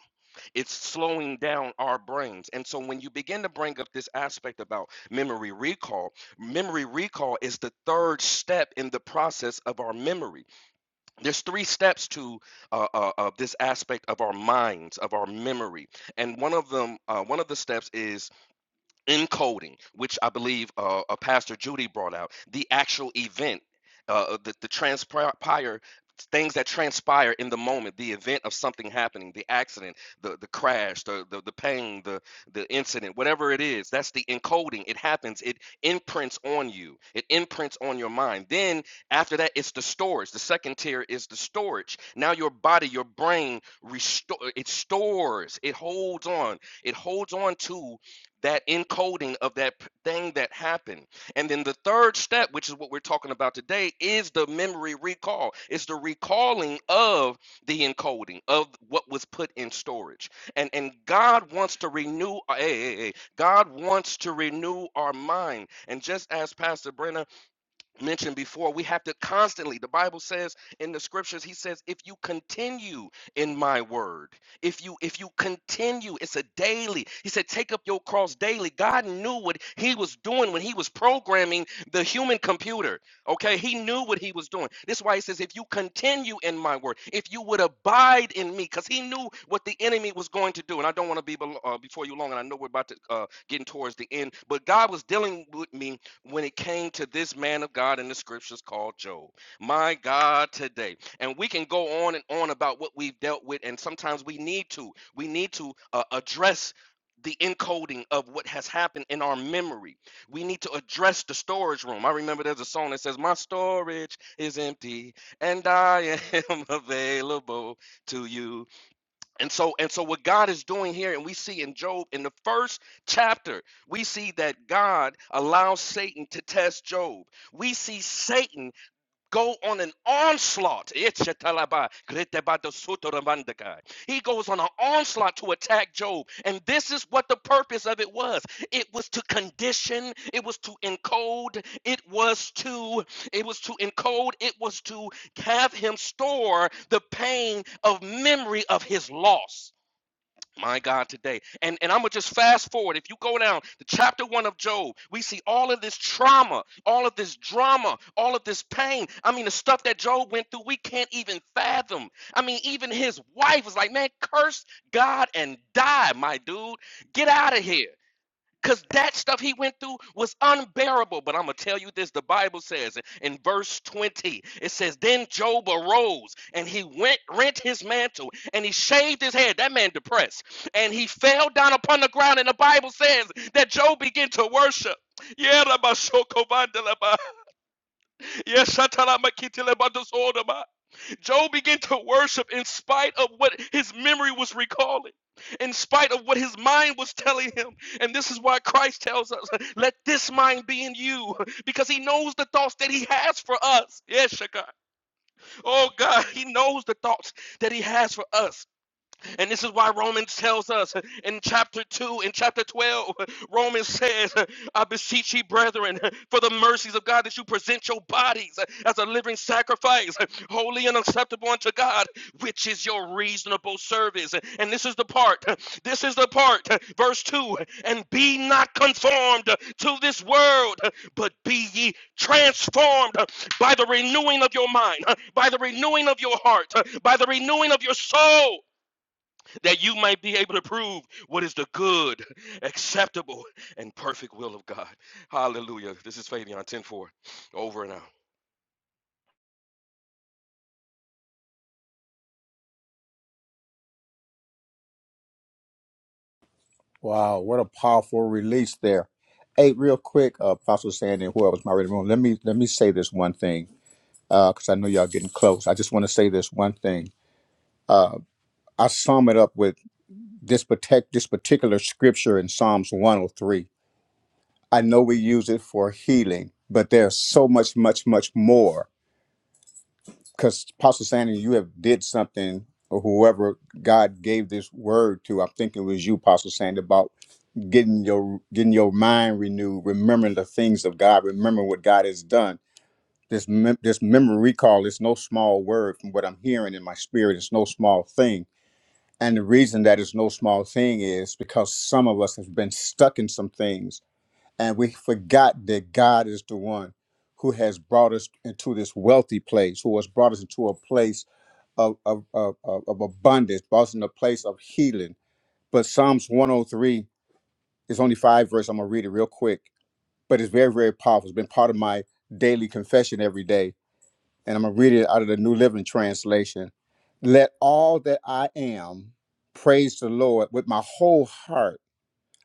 [SPEAKER 6] it's slowing down our brains and so when you begin to bring up this aspect about memory recall memory recall is the third step in the process of our memory there's three steps to uh, uh, uh, this aspect of our minds of our memory and one of them uh, one of the steps is Encoding, which I believe uh, uh, Pastor Judy brought out, the actual event, uh, uh, the, the transpire, things that transpire in the moment, the event of something happening, the accident, the, the crash, the, the, the pain, the, the incident, whatever it is, that's the encoding. It happens, it imprints on you, it imprints on your mind. Then after that, it's the storage. The second tier is the storage. Now your body, your brain, restore, it stores, it holds on, it holds on to that encoding of that thing that happened. And then the third step, which is what we're talking about today, is the memory recall. It's the recalling of the encoding of what was put in storage. And and God wants to renew uh, hey, hey, hey, God wants to renew our mind. And just as Pastor Brenna mentioned before, we have to constantly, the Bible says in the scriptures, he says, if you continue in my word, if you if you continue, it's a daily. He said, take up your cross daily. God knew what he was doing when he was programming the human computer. Okay, he knew what he was doing. This is why he says, if you continue in my word, if you would abide in me, because he knew what the enemy was going to do. And I don't want to be belo- uh, before you long, and I know we're about to uh, getting towards the end, but God was dealing with me when it came to this man of God in the scriptures called Job. My God, today. And we can go on and on about what we've dealt with, and sometimes we need to. We need to uh, address the encoding of what has happened in our memory. We need to address the storage room. I remember there's a song that says, My storage is empty and I *laughs* am available to you. And so, and so what God is doing here, and we see in Job in the first chapter, we see that God allows Satan to test Job. We see Satan go on an onslaught. He goes on an onslaught to attack Job. And this is what the purpose of it was it was to condition, it was to encode, it was to, it was to encode, it was to have him store the pain of memory of his loss my God, today. And and I'm gonna just fast forward. If you go down to chapter one of Job, we see all of this trauma, all of this drama, all of this pain. I mean, the stuff that Job went through, we can't even fathom. I mean, even his wife was like, Man, curse God and die, my dude. Get out of here. Because that stuff he went through was unbearable. But I'm going to tell you this the Bible says in verse 20 it says, Then Job arose and he went, rent his mantle and he shaved his head. That man depressed. And he fell down upon the ground. And the Bible says that Job began to worship. Yeah, Rabba Shoko Vandalaba. Yes, Shatala Makitila Job began to worship in spite of what his memory was recalling, in spite of what his mind was telling him. And this is why Christ tells us, let this mind be in you, because he knows the thoughts that he has for us. Yes, Shaka. Oh God, he knows the thoughts that he has for us. And this is why Romans tells us in chapter 2, in chapter 12, Romans says, I beseech ye, brethren, for the mercies of God, that you present your bodies as a living sacrifice, holy and acceptable unto God, which is your reasonable service. And this is the part, this is the part, verse 2 and be not conformed to this world, but be ye transformed by the renewing of your mind, by the renewing of your heart, by the renewing of your soul that you might be able to prove what is the good, acceptable, and perfect will of God. Hallelujah. This is Fabian 104. Over and out.
[SPEAKER 10] Wow, what a powerful release there. Hey, real quick, uh, Apostle Sandy and whoever's my reading room, let me let me say this one thing because I know y'all getting close. I just want to say this one thing. Uh, I sum it up with this protect this particular scripture in Psalms 103. I know we use it for healing, but there's so much, much, much more. Because Apostle Sandy, you have did something, or whoever God gave this word to. I'm thinking it was you, Apostle Sandy, about getting your getting your mind renewed, remembering the things of God, remembering what God has done. This mem- this memory recall is no small word from what I'm hearing in my spirit. It's no small thing, and the reason that it's no small thing is because some of us have been stuck in some things, and we forgot that God is the one who has brought us into this wealthy place, who has brought us into a place of of of, of of abundance, brought us in a place of healing. But Psalms 103 is only five verses. I'm gonna read it real quick but it's very, very powerful. It's been part of my daily confession every day. And I'm going to read it out of the New Living Translation. Let all that I am praise the Lord with my whole heart.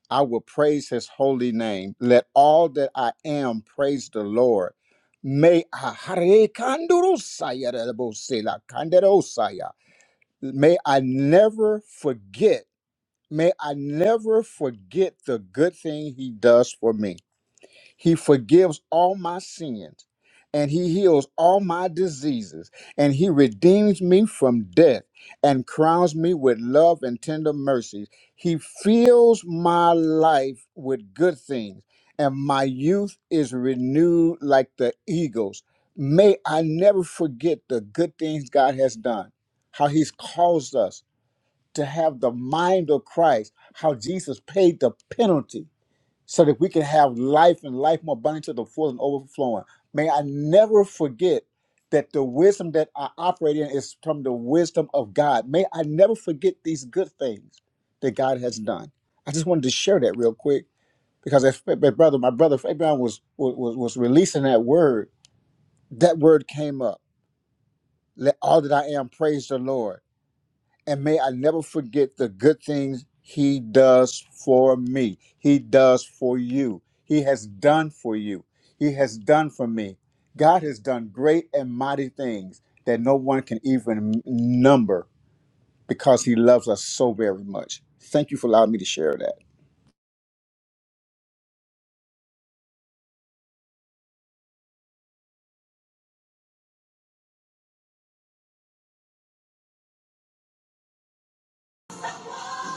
[SPEAKER 10] I will praise his holy name. Let all that I am praise the Lord. May I *laughs* Hare Kandurosaya Rabosela Kanderosaya. may I never forget, may I never forget the good thing he does for me. He forgives all my sins and he heals all my diseases and he redeems me from death and crowns me with love and tender mercies. He fills my life with good things and my youth is renewed like the eagles. May I never forget the good things God has done, how he's caused us to have the mind of Christ, how Jesus paid the penalty so that we can have life and life more abundant to the full and overflowing. May I never forget that the wisdom that I operate in is from the wisdom of God. May I never forget these good things that God has done. I just wanted to share that real quick because if my brother, my brother Fabian was was was releasing that word, that word came up. Let all that I am praise the Lord and may I never forget the good things He does for me. He does for you. He has done for you. He has done for me. God has done great and mighty things that no one can even number because He loves us so very much. Thank you for allowing me to share that.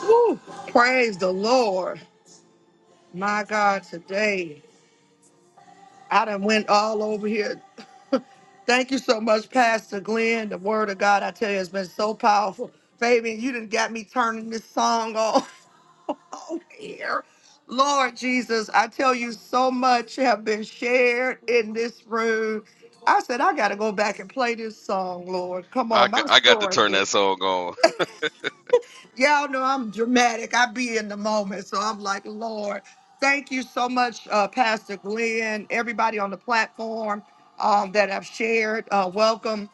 [SPEAKER 1] Woo, praise the Lord. My God, today. I done went all over here. *laughs* Thank you so much, Pastor Glenn. The word of God, I tell you, has been so powerful. Fabian, you done got me turning this song on *laughs* over here. Lord Jesus, I tell you, so much have been shared in this room. I said, I got to go back and play this song, Lord. Come
[SPEAKER 6] I
[SPEAKER 1] on,
[SPEAKER 6] got,
[SPEAKER 1] my
[SPEAKER 6] I got to turn
[SPEAKER 1] story.
[SPEAKER 6] that song on.
[SPEAKER 1] Y'all know I'm dramatic. I be in the moment. So I'm like, Lord, thank you so much, uh, Pastor Glenn, everybody on the platform um, that I've shared. Uh, welcome.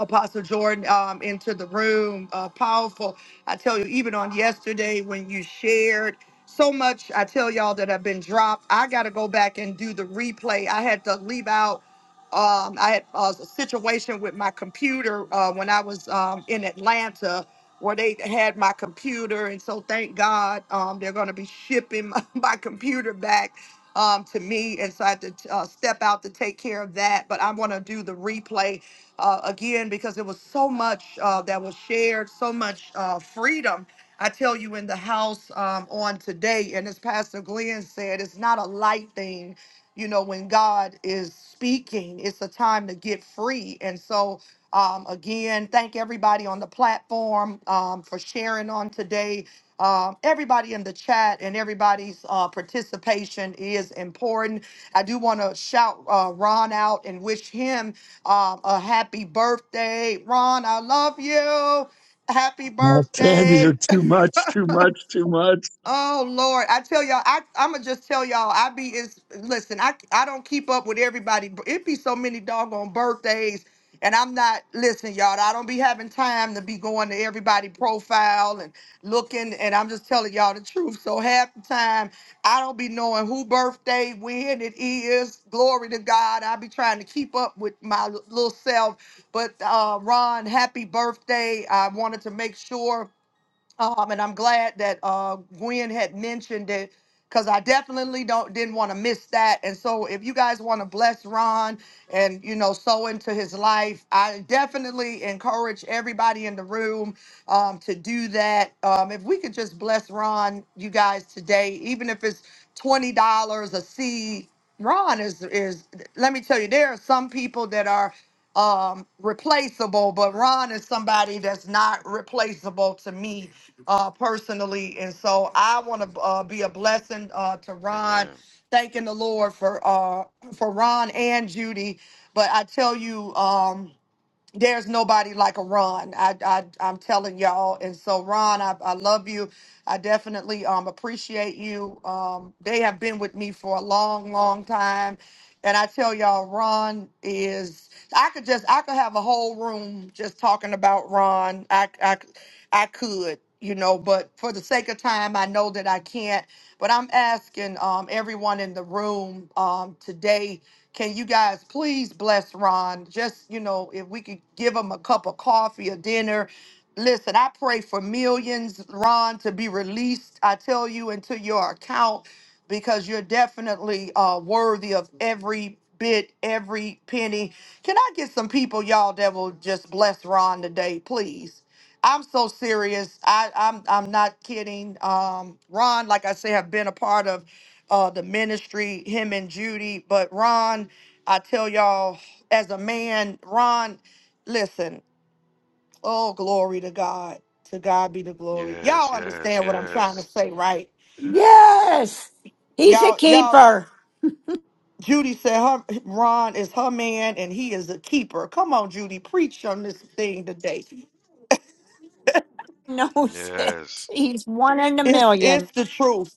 [SPEAKER 1] Apostle Jordan um, into the room. Uh, powerful. I tell you, even on yesterday when you shared so much, I tell y'all that have been dropped. I got to go back and do the replay. I had to leave out. Um, I had uh, a situation with my computer uh, when I was um, in Atlanta where they had my computer. And so thank God um, they're going to be shipping *laughs* my, my computer back um, to me. And so I had to uh, step out to take care of that. But I want to do the replay uh, again because there was so much uh, that was shared, so much uh, freedom. I tell you in the house um, on today, and as Pastor Glenn said, it's not a light thing. You know, when God is speaking, it's a time to get free. And so, um, again, thank everybody on the platform um, for sharing on today um, everybody in the chat and everybody's uh, participation is important. I do want to shout uh, Ron out and wish him um, a happy birthday. Ron, I love you. Happy
[SPEAKER 8] Well, Sandy,
[SPEAKER 1] birthday.
[SPEAKER 8] you're too much, too much, too much.
[SPEAKER 1] Oh Lord, I tell y'all, I I'ma just tell y'all, I be is listen, I I don't keep up with everybody. It be so many doggone birthdays, and I'm not listen, y'all. I don't be having time to be going to everybody profile and looking, and I'm just telling y'all the truth. So half the time, I don't be knowing who birthday when it is. Glory to God, I be trying to keep up with my l- little self. But uh, Ron, happy birthday! I wanted to make sure. Um, and I'm glad that uh, Gwen had mentioned it because I definitely don't didn't want to miss that. And so, if you guys want to bless Ron and you know sow into his life, I definitely encourage everybody in the room um, to do that. Um, if we could just bless Ron, you guys today, even if it's twenty dollars a seed. Ron is is. Let me tell you, there are some people that are um replaceable but ron is somebody that's not replaceable to me uh, personally. And so I want to uh, be a blessing uh, to Ron,
[SPEAKER 6] Amen.
[SPEAKER 1] thanking the Lord for uh, for Ron and Judy. But I tell you, um, there's nobody like a Ron. I, I I'm telling y'all. And so Ron, I, I love you. I definitely um, appreciate you. Um, they have been with me for a long, long time. And I tell y'all, Ron is. I could just, I could have a whole room just talking about Ron. I, I, I could you know, but for the sake of time, I know that I can't. But I'm asking um, everyone in the room um, today, can you guys please bless Ron? Just, you know, if we could give him a cup of coffee or dinner. Listen, I pray for millions, Ron, to be released, I tell you, into your account because you're definitely uh, worthy of every bit, every penny. Can I get some people, y'all, that will just bless Ron today, please? I'm so serious. I, I'm I'm not kidding. Um, Ron, like I say, have been a part of uh, the ministry, him and Judy. But Ron, I tell y'all, as a man, Ron, listen. Oh, glory to God. To God be the glory.
[SPEAKER 6] Yes,
[SPEAKER 1] Y'all
[SPEAKER 6] yes,
[SPEAKER 1] understand what I'm trying to
[SPEAKER 6] yes,
[SPEAKER 1] say, right?
[SPEAKER 7] Yes. He's a
[SPEAKER 1] Y'all, y'all.
[SPEAKER 7] keeper.
[SPEAKER 1] Judy said her Ron is her man, and he is a keeper. Come on, Judy, preach on this thing today.
[SPEAKER 7] *laughs* Knows it.
[SPEAKER 6] yes,
[SPEAKER 7] He's one in a
[SPEAKER 1] It's
[SPEAKER 7] million.
[SPEAKER 1] it's the truth.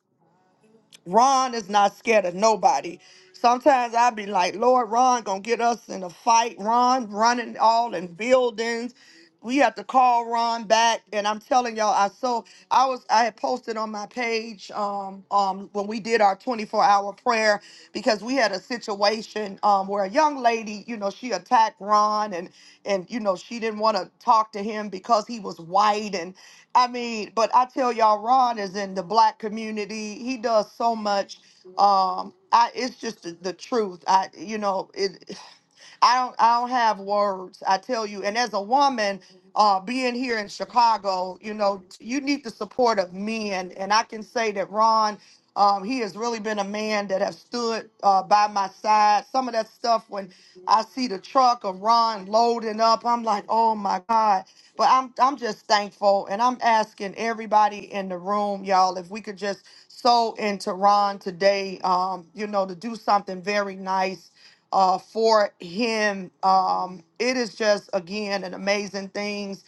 [SPEAKER 1] Ron is not scared of nobody. Sometimes I be like, Lord, Ron gonna get us in a fight. Ron running all in buildings. We have to call Ron back. And I'm telling y'all, I so I was I had posted on my page um um when we did our 24 hour prayer because we had a situation um where a young lady, you know, she attacked Ron and and you know she didn't want to talk to him because he was white and. I mean, but I tell y'all, Ron is in the black community. He does so much. Um, I it's just the, the truth. I you know it. I don't I don't have words. I tell you, and as a woman, uh, being here in Chicago, you know, you need the support of men, and I can say that Ron. Um, he has really been a man that has stood uh, by my side. Some of that stuff when I see the truck of Ron loading up, I'm like, oh my God. But I'm I'm just thankful, and I'm asking everybody in the room, y'all, if we could just sow into Ron today, um, you know, to do something very nice uh, for him. Um, it is just, again, an amazing things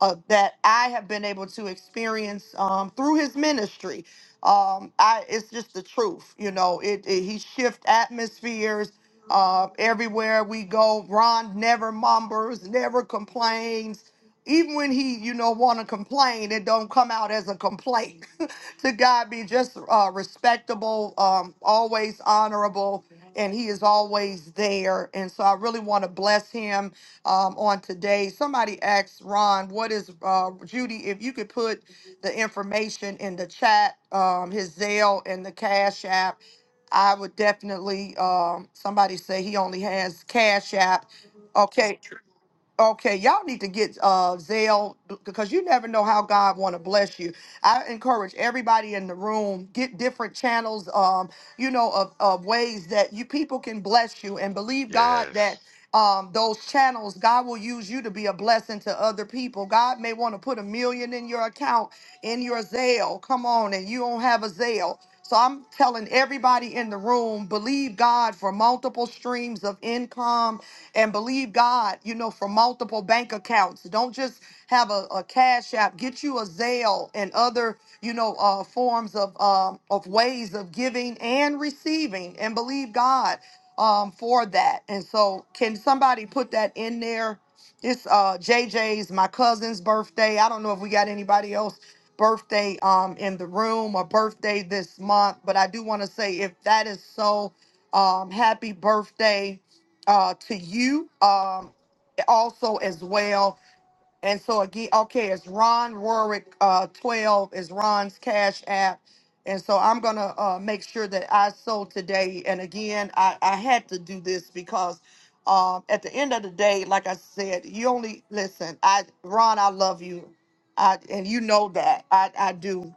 [SPEAKER 1] uh, that I have been able to experience um, through his ministry. Um, I, it's just the truth, you know. It, it he shift atmospheres uh, everywhere we go. Ron never mumbles, never complains. Even when he, you know, want to complain, it don't come out as a complaint. *laughs* to God be just uh, respectable, um, always honorable and he is always there. And so I really want to bless him um, on today. Somebody asked Ron, what is, uh, Judy, if you could put the information in the chat, um, his Zelle and the Cash App. I would definitely, um, somebody say he only has Cash App. Okay, Okay, y'all need to get uh Zelle because you never know how God want to bless you. I encourage everybody in the room get different channels, um, you know, of, of ways that you people can bless you and believe God that
[SPEAKER 6] yes.
[SPEAKER 1] um those channels God will use you to be a blessing to other people. God may want to put a million in your account in your zeal. Come on, and you don't have a zeal. So I'm telling everybody in the room, believe God for multiple streams of income and believe God, you know, for multiple bank accounts. Don't just have a, a cash app. Get you a Zelle and other, you know, uh, forms of um, of ways of giving and receiving and believe God um, for that. And so can somebody put that in there? It's uh, JJ's, my cousin's birthday. I don't know if we got anybody else birthday um in the room or birthday this month. But I do want to say if that is so, um, happy birthday uh to you. Um also as well. And so again, okay, it's Ron Rorick uh, 12 is Ron's Cash App. And so I'm going to uh, make sure that I sold today. And again, I, I had to do this because um, at the end of the day, like I said, you only listen. I Ron, I love you. I, and you know that I, I do.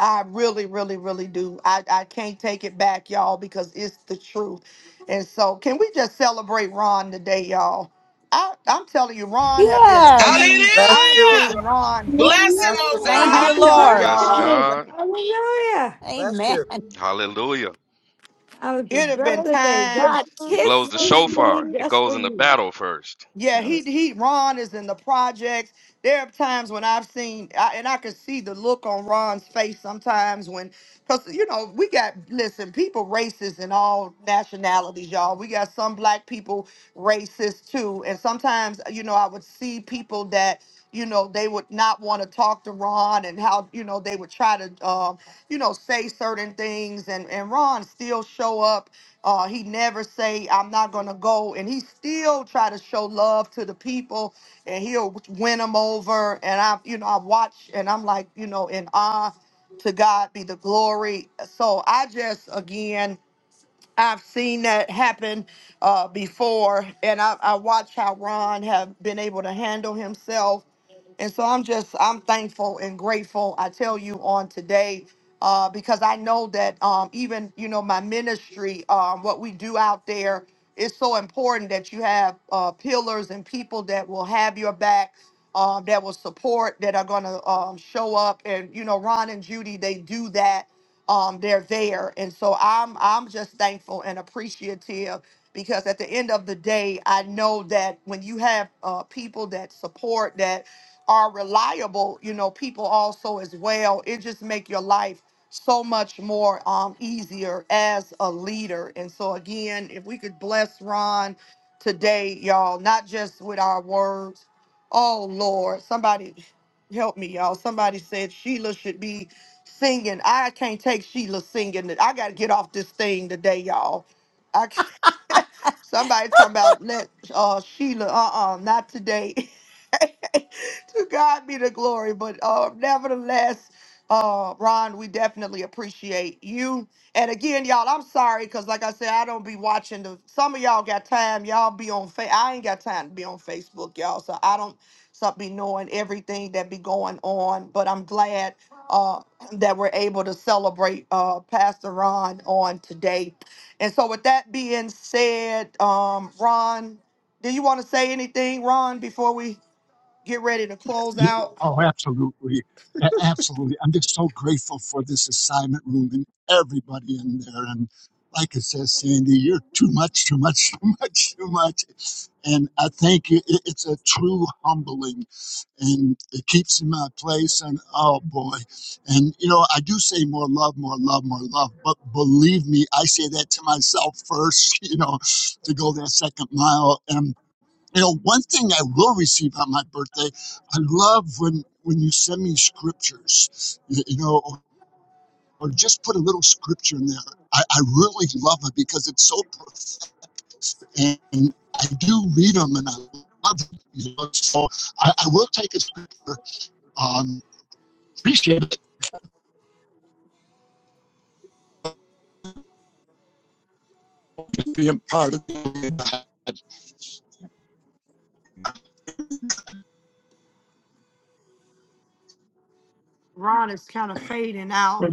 [SPEAKER 1] I really, really, really do. I, I can't take it back, y'all, because it's the truth. And so, can we just celebrate Ron today, y'all? I, I'm telling you, Ron have been
[SPEAKER 7] Yes.
[SPEAKER 1] abused.
[SPEAKER 3] Bless
[SPEAKER 1] I've
[SPEAKER 3] you,
[SPEAKER 5] Hallelujah!
[SPEAKER 1] seen
[SPEAKER 3] bro.
[SPEAKER 1] Ron.
[SPEAKER 12] Hallelujah.
[SPEAKER 5] Bless him,
[SPEAKER 3] Pastor
[SPEAKER 5] oh
[SPEAKER 7] Thank
[SPEAKER 3] Mom.
[SPEAKER 1] I'm
[SPEAKER 7] you,
[SPEAKER 5] God.
[SPEAKER 12] Happy
[SPEAKER 3] Papa
[SPEAKER 1] telling
[SPEAKER 7] Lord.
[SPEAKER 6] Bless
[SPEAKER 1] y'all,
[SPEAKER 3] Mom.
[SPEAKER 12] birthday.
[SPEAKER 3] Bless,
[SPEAKER 6] God.
[SPEAKER 12] Hallelujah.
[SPEAKER 3] bless
[SPEAKER 7] Amen.
[SPEAKER 3] you.
[SPEAKER 6] Hallelujah.
[SPEAKER 12] Happy
[SPEAKER 1] it have been
[SPEAKER 9] Birthday.
[SPEAKER 12] birthday.
[SPEAKER 9] I
[SPEAKER 12] God
[SPEAKER 1] times.
[SPEAKER 6] He blows
[SPEAKER 12] kiss
[SPEAKER 6] the
[SPEAKER 9] love
[SPEAKER 12] this day
[SPEAKER 6] shofar.
[SPEAKER 9] you.
[SPEAKER 6] It
[SPEAKER 12] just
[SPEAKER 6] goes
[SPEAKER 12] for
[SPEAKER 6] in the
[SPEAKER 12] you.
[SPEAKER 6] battle first.
[SPEAKER 1] Yeah,
[SPEAKER 12] That
[SPEAKER 1] he
[SPEAKER 12] was-
[SPEAKER 1] he. Ron is in the projects. There are times when I've seen, I, and I can see the look on Ron's face sometimes when, because you know we got listen, people racist in all nationalities, y'all. We got some black people racist too, and sometimes you know I would see people that you know they would not want to talk to Ron and how you know they would try to. um you know, say certain things. And, and Ron still show up. Uh, he never say, I'm not going to go. And he still try to show love to the people and he'll win them over. And I, you know, I watch and I'm like, you know, in awe to God be the glory. So I just, again, I've seen that happen uh, before, and I, I watch how Ron have been able to handle himself. And so I'm just I'm thankful and grateful. I tell you on today uh, because I know that um, even you know my ministry, um, what we do out there is so important that you have uh, pillars and people that will have your back. Um, that will support that are going to um, show up and you know ron and judy they do that um, they're there. And so I'm I'm just thankful and appreciative because at the end of the day, I know that when you have uh, people that support that are reliable, you know, people also as well, it just make your life so much more um, easier as a leader. And so again, if we could bless Ron today, y'all, not just with our words. Oh Lord, somebody help me, y'all. Somebody said Sheila should be singing. I can't take Sheila singing. I got to get off this thing today, y'all. I. can't. Somebody talking about let uh Sheila, uh-uh, not today. *laughs* to God be the glory. But uh nevertheless, uh Ron, we definitely appreciate you. And again, y'all, I'm sorry because like I said, I don't be watching the some of y'all got time. Y'all be on fa- I ain't got time to be on Facebook, y'all. So I don't so be knowing everything that be going on. But I'm glad uh that we're able to celebrate uh Pastor Ron on today. And so, with that being said, um, Ron, do you want to say anything, Ron, before we get ready to close out?
[SPEAKER 8] Oh, absolutely. A- Absolutely. I'm just so grateful for this assignment room and everybody in there. And like I said, Sandy, you're too much, too much, *laughs* too much, too much. And I think it- it- it's a true humbling and it keeps in my place. And oh boy. And you know, I do say more love, more love, more love, but believe me, I say that to myself first, *laughs* you know, to go that second mile. and You know, one thing I will receive on my birthday, I love when when you send me scriptures, you, you know, or, or just put a little scripture in there. I, I really love it because it's so profound, and I do read them and I love it. You know, so I, I will take a scripture. Um, appreciate it being part of it.
[SPEAKER 1] Ron is kind of fading out.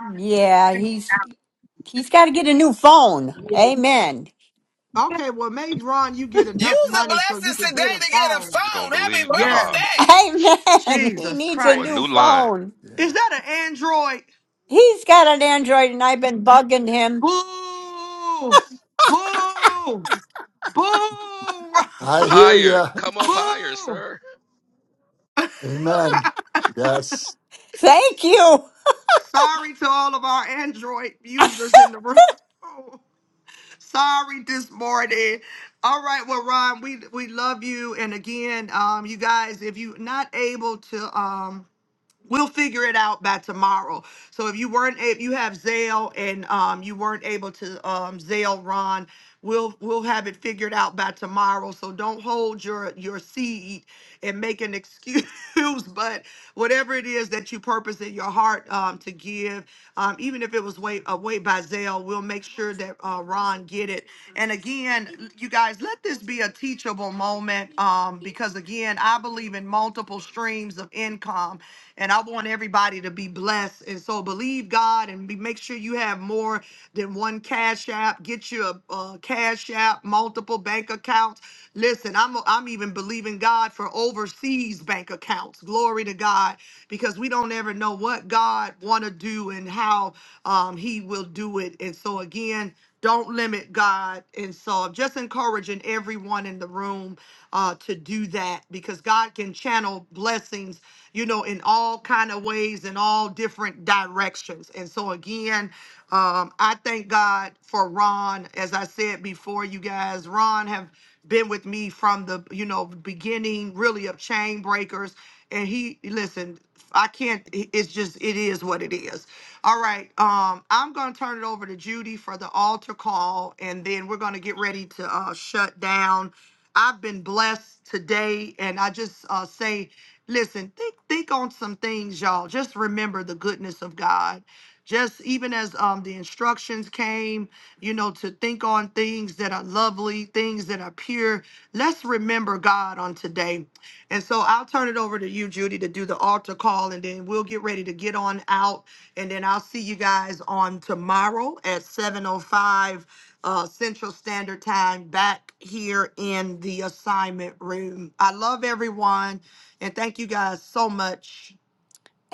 [SPEAKER 7] Yeah, he's He's got to get a new phone. Amen.
[SPEAKER 1] Okay, well, make Ron you get enough
[SPEAKER 5] Use the
[SPEAKER 1] money so you
[SPEAKER 5] blessings
[SPEAKER 1] could
[SPEAKER 5] today
[SPEAKER 1] get a
[SPEAKER 5] to get a
[SPEAKER 1] phone.
[SPEAKER 6] We're going
[SPEAKER 5] phone.
[SPEAKER 6] to
[SPEAKER 5] Happy
[SPEAKER 6] believe God
[SPEAKER 1] Yes,
[SPEAKER 5] birthday!
[SPEAKER 7] Amen. *laughs* He
[SPEAKER 1] Jesus
[SPEAKER 7] needs a
[SPEAKER 6] for a
[SPEAKER 7] new
[SPEAKER 1] Christ.
[SPEAKER 6] new line.
[SPEAKER 7] phone.
[SPEAKER 1] Is
[SPEAKER 7] Yeah.
[SPEAKER 1] that an Android?
[SPEAKER 7] He's got an Android, and I've been bugging him.
[SPEAKER 1] Boo! Boo! Boo! *laughs*
[SPEAKER 6] Up
[SPEAKER 7] I hear
[SPEAKER 6] higher.
[SPEAKER 7] you.
[SPEAKER 6] Come up higher,
[SPEAKER 1] Boo!
[SPEAKER 6] sir.
[SPEAKER 7] *laughs*
[SPEAKER 1] *laughs*
[SPEAKER 7] Amen. Yes. Thank you.
[SPEAKER 1] Sorry to all of our Android
[SPEAKER 7] *laughs*
[SPEAKER 1] users in the room. *laughs* Sorry this morning. All right, well, Ron, we we love you. And again, um, you guys, if you're not able to um We'll figure it out by tomorrow. So if you weren't, if you have Zale and um, you weren't able to um, Zale Ron, we'll we'll have it figured out by tomorrow. So don't hold your your seed and make an excuse. *laughs* But whatever it is that you purpose in your heart um, to give, um, even if it was wait a wait by Zale, we'll make sure that uh, Ron get it. And again, you guys, let this be a teachable moment um, because again, I believe in multiple streams of income and I want everybody to be blessed. And so believe God and be, make sure you have more than one cash app. Get you a, a cash app, multiple bank accounts. Listen, I'm I'm even believing God for overseas bank accounts. Glory to God, because we don't ever know what God want to do and how um, He will do it. And so again. Don't limit God. And so I'm just encouraging everyone in the room uh, to do that because God can channel blessings, you know, in all kind of ways in all different directions. And so again, um, I thank God for Ron. As I said before, you guys, Ron have been with me from the you know beginning really of chain breakers and he listen I can't. It's just it is what it is. All right. Um, I'm gonna turn it over to Judy for the altar call, and then we're gonna get ready to uh, shut down. I've been blessed today, and I just uh, say, listen, think think on some things, y'all. Just remember the goodness of God. Just even as um, the instructions came, you know, to think on things that are lovely, things that are pure. Let's remember God on today and so I'll turn it over to you, Judy, to do the altar call, and then we'll get ready to get on out. And then I'll see you guys on tomorrow at 7.05 uh, Central Standard Time back here in the assignment room. I love everyone, and thank you guys so much.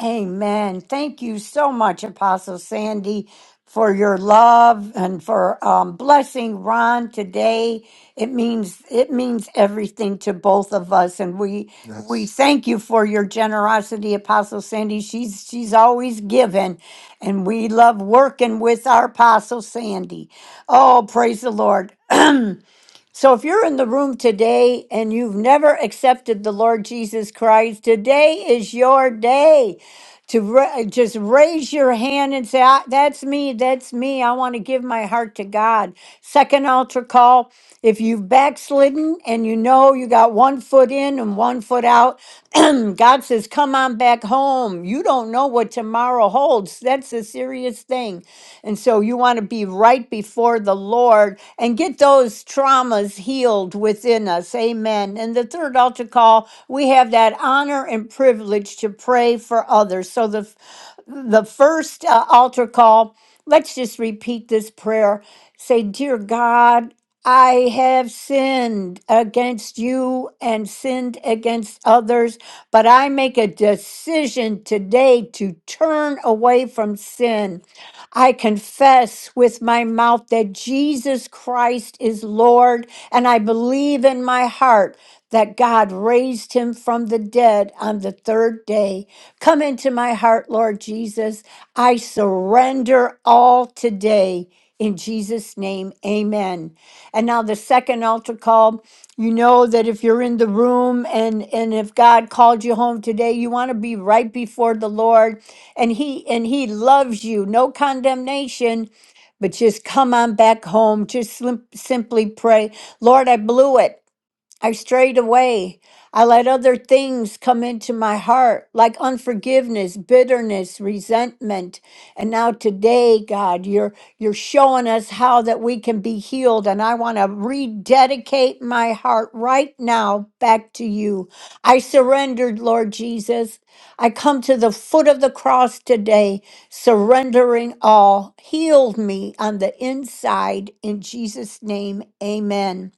[SPEAKER 7] Amen. Thank you so much, Apostle Sandy, for your love and for um, blessing Ron today. It means it means everything to both of us, and we we Yes. thank you for your generosity, Apostle Sandy. She's she's always giving, and we love working with our Apostle Sandy. Oh, praise the Lord. So if you're in the room today and you've never accepted the Lord Jesus Christ, today is your day to ra- just raise your hand and say, "I- That's me, that's me. I want to give my heart to God. Second altar call. If you've backslidden and you know you got one foot in and one foot out, *clears throat* God says, Come on back home. You don't know what tomorrow holds. That's a serious thing. And so you want to be right before the Lord and get those traumas healed within us. Amen. And the third altar call, we have that honor and privilege to pray for others. So the f- the first uh, altar call, let's just repeat this prayer. Say, "Dear God, I have sinned against you and sinned against others, but I make a decision today to turn away from sin. I confess with my mouth that Jesus Christ is Lord, and I believe in my heart that God raised him from the dead on the third day. Come into my heart, Lord Jesus. I surrender all today. In Jesus' name, amen. And now the second altar call, you know that if you're in the room and and if God called you home today, you want to be right before the Lord and he and he loves you. No condemnation but just come on back home. Just slim, simply pray, Lord, I blew it. I strayed away. I let other things come into my heart, like unforgiveness, bitterness, resentment. And now today, God, you're you're showing us how that we can be healed. And I want to rededicate my heart right now back to you. I surrendered, Lord Jesus. I come to the foot of the cross today, surrendering all. Healed me on the inside in Jesus' name. Amen.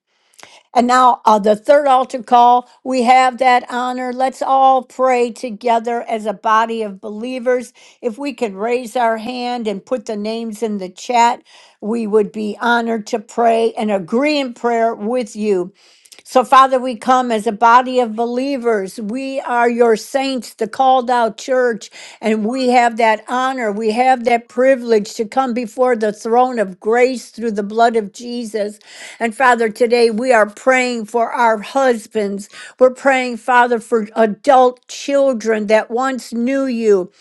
[SPEAKER 7] And now, uh, the third altar call, we have that honor. Let's all pray together as a body of believers. If we could raise our hand and put the names in the chat, we would be honored to pray and agree in prayer with you. So, Father, we come as a body of believers. We are your saints, the called out church, and we have that honor. We have that privilege to come before the throne of grace through the blood of Jesus. And, Father, today we are praying for our husbands. We're praying, Father, for adult children that once knew you.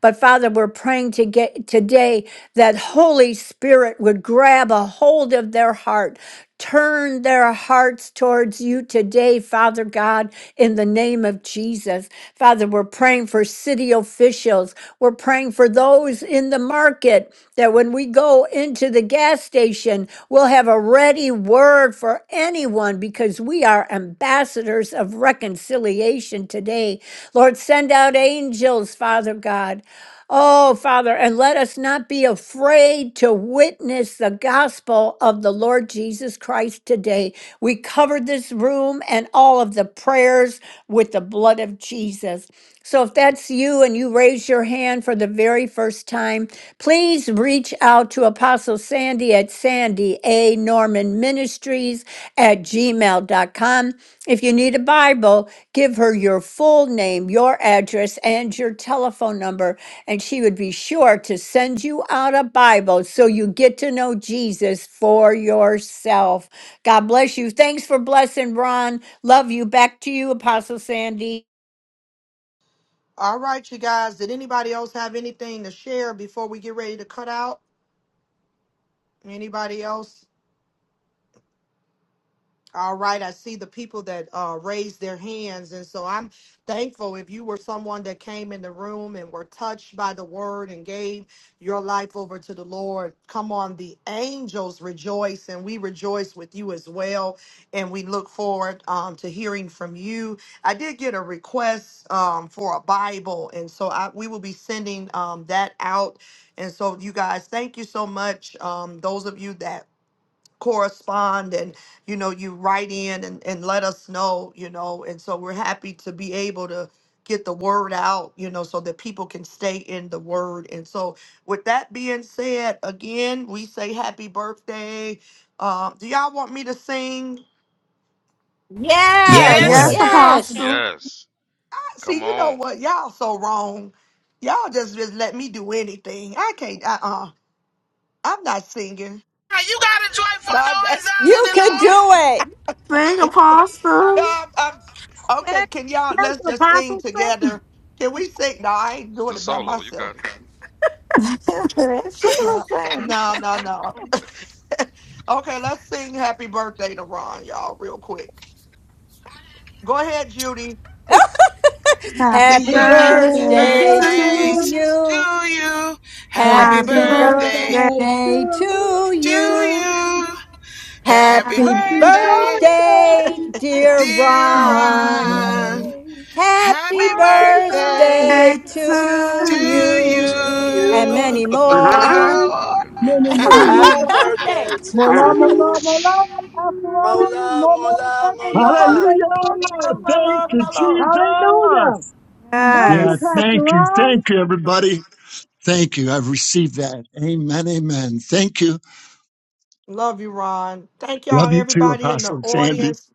[SPEAKER 7] But, Father, we're praying to get today that Holy Spirit would grab a hold of their heart. Turn their hearts towards you today, Father God, in the name of Jesus. Father, we're praying for city officials. We're praying for those in the market that when we go into the gas station, we'll have a ready word for anyone because we are ambassadors of reconciliation today. Lord, send out angels, Father God. Oh, Father, and let us not be afraid to witness the gospel of the Lord Jesus Christ today. We covered this room and all of the prayers with the blood of Jesus. So if that's you and you raise your hand for the very first time, please reach out to Apostle Sandy at Sandy A. Norman Ministries at gmail dot com. If you need a Bible, give her your full name, your address, and your telephone number and she would be sure to send you out a Bible so you get to know Jesus for yourself. God bless you. Thanks for blessing, Ron. Love you. Back to you, Apostle Sandy.
[SPEAKER 1] All right, you guys, did anybody else have anything to share before we get ready to cut out? Anybody else? All right, I see the people that uh, raised their hands. And so I'm thankful if you were someone that came in the room and were touched by the word and gave your life over to the Lord. Come on, the angels rejoice, and we rejoice with you as well. And we look forward um, to hearing from you. I did get a request um, for a Bible, and so I, we will be sending um, that out. And so, you guys, thank you so much. Um, those of you that correspond and you know you write in and, and let us know you know and so we're happy to be able to get the word out you know so that people can stay in the word and so with that being said again we say happy birthday uh, do y'all want me to sing
[SPEAKER 8] Yeah, go
[SPEAKER 7] Yes,
[SPEAKER 11] Yes,
[SPEAKER 5] Yes.
[SPEAKER 8] ahead.
[SPEAKER 7] yes.
[SPEAKER 6] Yes,
[SPEAKER 11] Apostle.
[SPEAKER 6] yes.
[SPEAKER 1] see
[SPEAKER 6] Come
[SPEAKER 1] you know
[SPEAKER 6] on.
[SPEAKER 1] what y'all so wrong y'all just just let me do anything i can't Uh uh-uh uh. i'm not singing
[SPEAKER 5] Now You got a
[SPEAKER 1] *laughs*
[SPEAKER 5] joyful
[SPEAKER 1] no I'm not.
[SPEAKER 5] noise out in
[SPEAKER 7] You can
[SPEAKER 1] *laughs*
[SPEAKER 7] do it.
[SPEAKER 11] Sing,
[SPEAKER 1] No,
[SPEAKER 11] Apostle.
[SPEAKER 1] I'm, I'm- okay.
[SPEAKER 9] Hey,
[SPEAKER 1] Can y'all
[SPEAKER 9] That's
[SPEAKER 1] let's just sing
[SPEAKER 9] Apostle Sing.
[SPEAKER 1] together? Can we sing? No, I ain't doing
[SPEAKER 6] The
[SPEAKER 1] it by
[SPEAKER 6] solo, you
[SPEAKER 1] myself.
[SPEAKER 6] got it.
[SPEAKER 12] *laughs* That's she
[SPEAKER 1] Yeah.
[SPEAKER 12] was saying.
[SPEAKER 1] No, no, no. *laughs* okay, let's sing "Happy Birthday" to Ron, y'all, real quick. Go ahead, Judy.
[SPEAKER 11] Happy
[SPEAKER 7] Happy
[SPEAKER 9] Birthday
[SPEAKER 5] the
[SPEAKER 9] to
[SPEAKER 11] birthday
[SPEAKER 5] Lord.
[SPEAKER 11] to
[SPEAKER 7] birthday
[SPEAKER 6] You
[SPEAKER 11] you.
[SPEAKER 5] Birthday
[SPEAKER 7] to
[SPEAKER 9] you.
[SPEAKER 7] you.
[SPEAKER 5] to you.
[SPEAKER 12] Happy
[SPEAKER 5] Happy
[SPEAKER 9] Happy
[SPEAKER 11] Happy
[SPEAKER 7] Happy
[SPEAKER 6] to
[SPEAKER 5] birthday
[SPEAKER 11] birthday.
[SPEAKER 9] birthday
[SPEAKER 12] birthday.
[SPEAKER 7] birthday
[SPEAKER 9] to
[SPEAKER 6] you.
[SPEAKER 7] to
[SPEAKER 5] to
[SPEAKER 7] you.
[SPEAKER 9] you.
[SPEAKER 5] you.
[SPEAKER 12] Happy
[SPEAKER 5] Happy
[SPEAKER 6] Happy
[SPEAKER 11] Happy
[SPEAKER 7] Happy
[SPEAKER 12] birthday.
[SPEAKER 9] Happy
[SPEAKER 5] birthday,
[SPEAKER 6] birthday,
[SPEAKER 9] birthday
[SPEAKER 7] birthday,
[SPEAKER 9] to
[SPEAKER 7] dear
[SPEAKER 12] Happy
[SPEAKER 6] dear
[SPEAKER 5] dear
[SPEAKER 7] Ron.
[SPEAKER 9] you.
[SPEAKER 5] Ron.
[SPEAKER 6] Ron.
[SPEAKER 12] birthday.
[SPEAKER 7] Happy
[SPEAKER 5] Happy
[SPEAKER 6] Happy
[SPEAKER 12] Happy
[SPEAKER 9] Happy
[SPEAKER 5] birthday.
[SPEAKER 6] birthday
[SPEAKER 12] birthday.
[SPEAKER 9] birthday.
[SPEAKER 7] birthday
[SPEAKER 12] to
[SPEAKER 11] birthday
[SPEAKER 6] to
[SPEAKER 7] to
[SPEAKER 5] to
[SPEAKER 12] you.
[SPEAKER 11] to
[SPEAKER 9] to you.
[SPEAKER 7] you
[SPEAKER 3] To
[SPEAKER 6] you.
[SPEAKER 7] and
[SPEAKER 5] you.
[SPEAKER 7] many
[SPEAKER 3] you.
[SPEAKER 5] *laughs* anymore.
[SPEAKER 7] more.
[SPEAKER 8] *laughs*
[SPEAKER 6] And many
[SPEAKER 9] many,
[SPEAKER 6] more.
[SPEAKER 9] many
[SPEAKER 3] Happy
[SPEAKER 12] Your
[SPEAKER 11] you.
[SPEAKER 9] more.
[SPEAKER 3] birthday
[SPEAKER 12] birthday.
[SPEAKER 3] to
[SPEAKER 9] Mola, mola,
[SPEAKER 3] you.
[SPEAKER 9] mola, Pastor Ron,
[SPEAKER 3] Mola,
[SPEAKER 9] more, more
[SPEAKER 3] mola,
[SPEAKER 9] birthday, more
[SPEAKER 3] mola.
[SPEAKER 9] birthday, more
[SPEAKER 8] Hallelujah!
[SPEAKER 12] Love, love,
[SPEAKER 9] birthday.
[SPEAKER 8] Thank
[SPEAKER 12] love,
[SPEAKER 8] you, Jesus!
[SPEAKER 9] Hallelujah. Love
[SPEAKER 8] Yeah,
[SPEAKER 9] you,
[SPEAKER 11] Yes.
[SPEAKER 9] Pastor
[SPEAKER 8] thank you.
[SPEAKER 9] Ron.
[SPEAKER 8] Thank you, everybody. Thank you. I've received that. Amen. Amen. Thank you.
[SPEAKER 1] Love you, Ron. Thank
[SPEAKER 8] Love
[SPEAKER 1] y'all,
[SPEAKER 8] you too,
[SPEAKER 1] everybody in the
[SPEAKER 8] Apostle Sandy.
[SPEAKER 1] audience.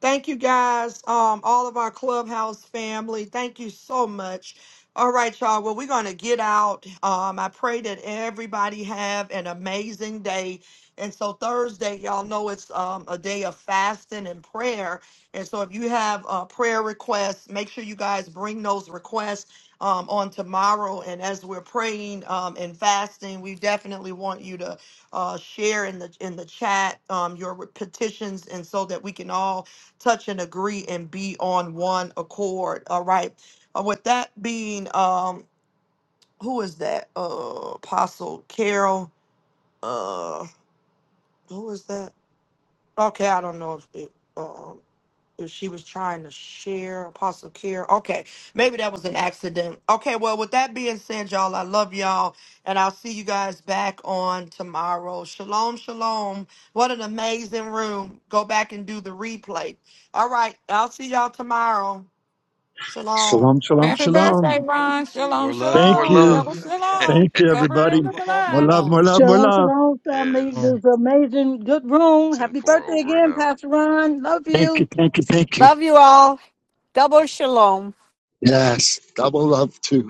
[SPEAKER 1] Thank you guys, um, all of our clubhouse family. Thank you so much. All right, y'all. Well, we're gonna get out. Um, I pray that everybody have an amazing day. And so Thursday, y'all know it's um, a day of fasting and prayer. And so if you have uh, prayer requests, make sure you guys bring those requests um, on tomorrow. And as we're praying um, and fasting, we definitely want you to uh, share in the in the chat um, your petitions, and so that we can all touch and agree and be on one accord. All right. Uh, with that being, um, who is that? Uh, Apostle Carol. Uh, who is that? Okay, I don't know if it, um, if she was trying to share Apostle Carol. Okay, maybe that was an accident. Okay, well, with that being said, y'all, I love y'all, and I'll see you guys back on tomorrow. Shalom, shalom. What an amazing room. Go back and do the replay. All right, I'll see y'all tomorrow. Shalom.
[SPEAKER 8] Shalom, shalom,
[SPEAKER 12] Happy birthday,
[SPEAKER 8] shalom.
[SPEAKER 12] Ron.
[SPEAKER 6] More
[SPEAKER 12] Shalom,
[SPEAKER 6] love, more
[SPEAKER 8] Thank
[SPEAKER 12] shalom.
[SPEAKER 8] you.
[SPEAKER 12] Double
[SPEAKER 6] love.
[SPEAKER 12] shalom.
[SPEAKER 8] Thank you,
[SPEAKER 12] Covered
[SPEAKER 8] everybody.
[SPEAKER 12] in the
[SPEAKER 8] More
[SPEAKER 12] blood.
[SPEAKER 8] love, more love, more
[SPEAKER 9] Shalom,
[SPEAKER 8] love.
[SPEAKER 9] shalom, family.
[SPEAKER 13] mm.
[SPEAKER 6] Yes.
[SPEAKER 9] This amazing, good room.
[SPEAKER 6] 10
[SPEAKER 9] Happy
[SPEAKER 6] four,
[SPEAKER 9] birthday
[SPEAKER 6] over and
[SPEAKER 9] again,
[SPEAKER 6] out.
[SPEAKER 9] Pastor Ron. Love you.
[SPEAKER 8] Thank you. Thank you. Thank you.
[SPEAKER 7] Love you all. Double shalom.
[SPEAKER 8] Yes. Double love too.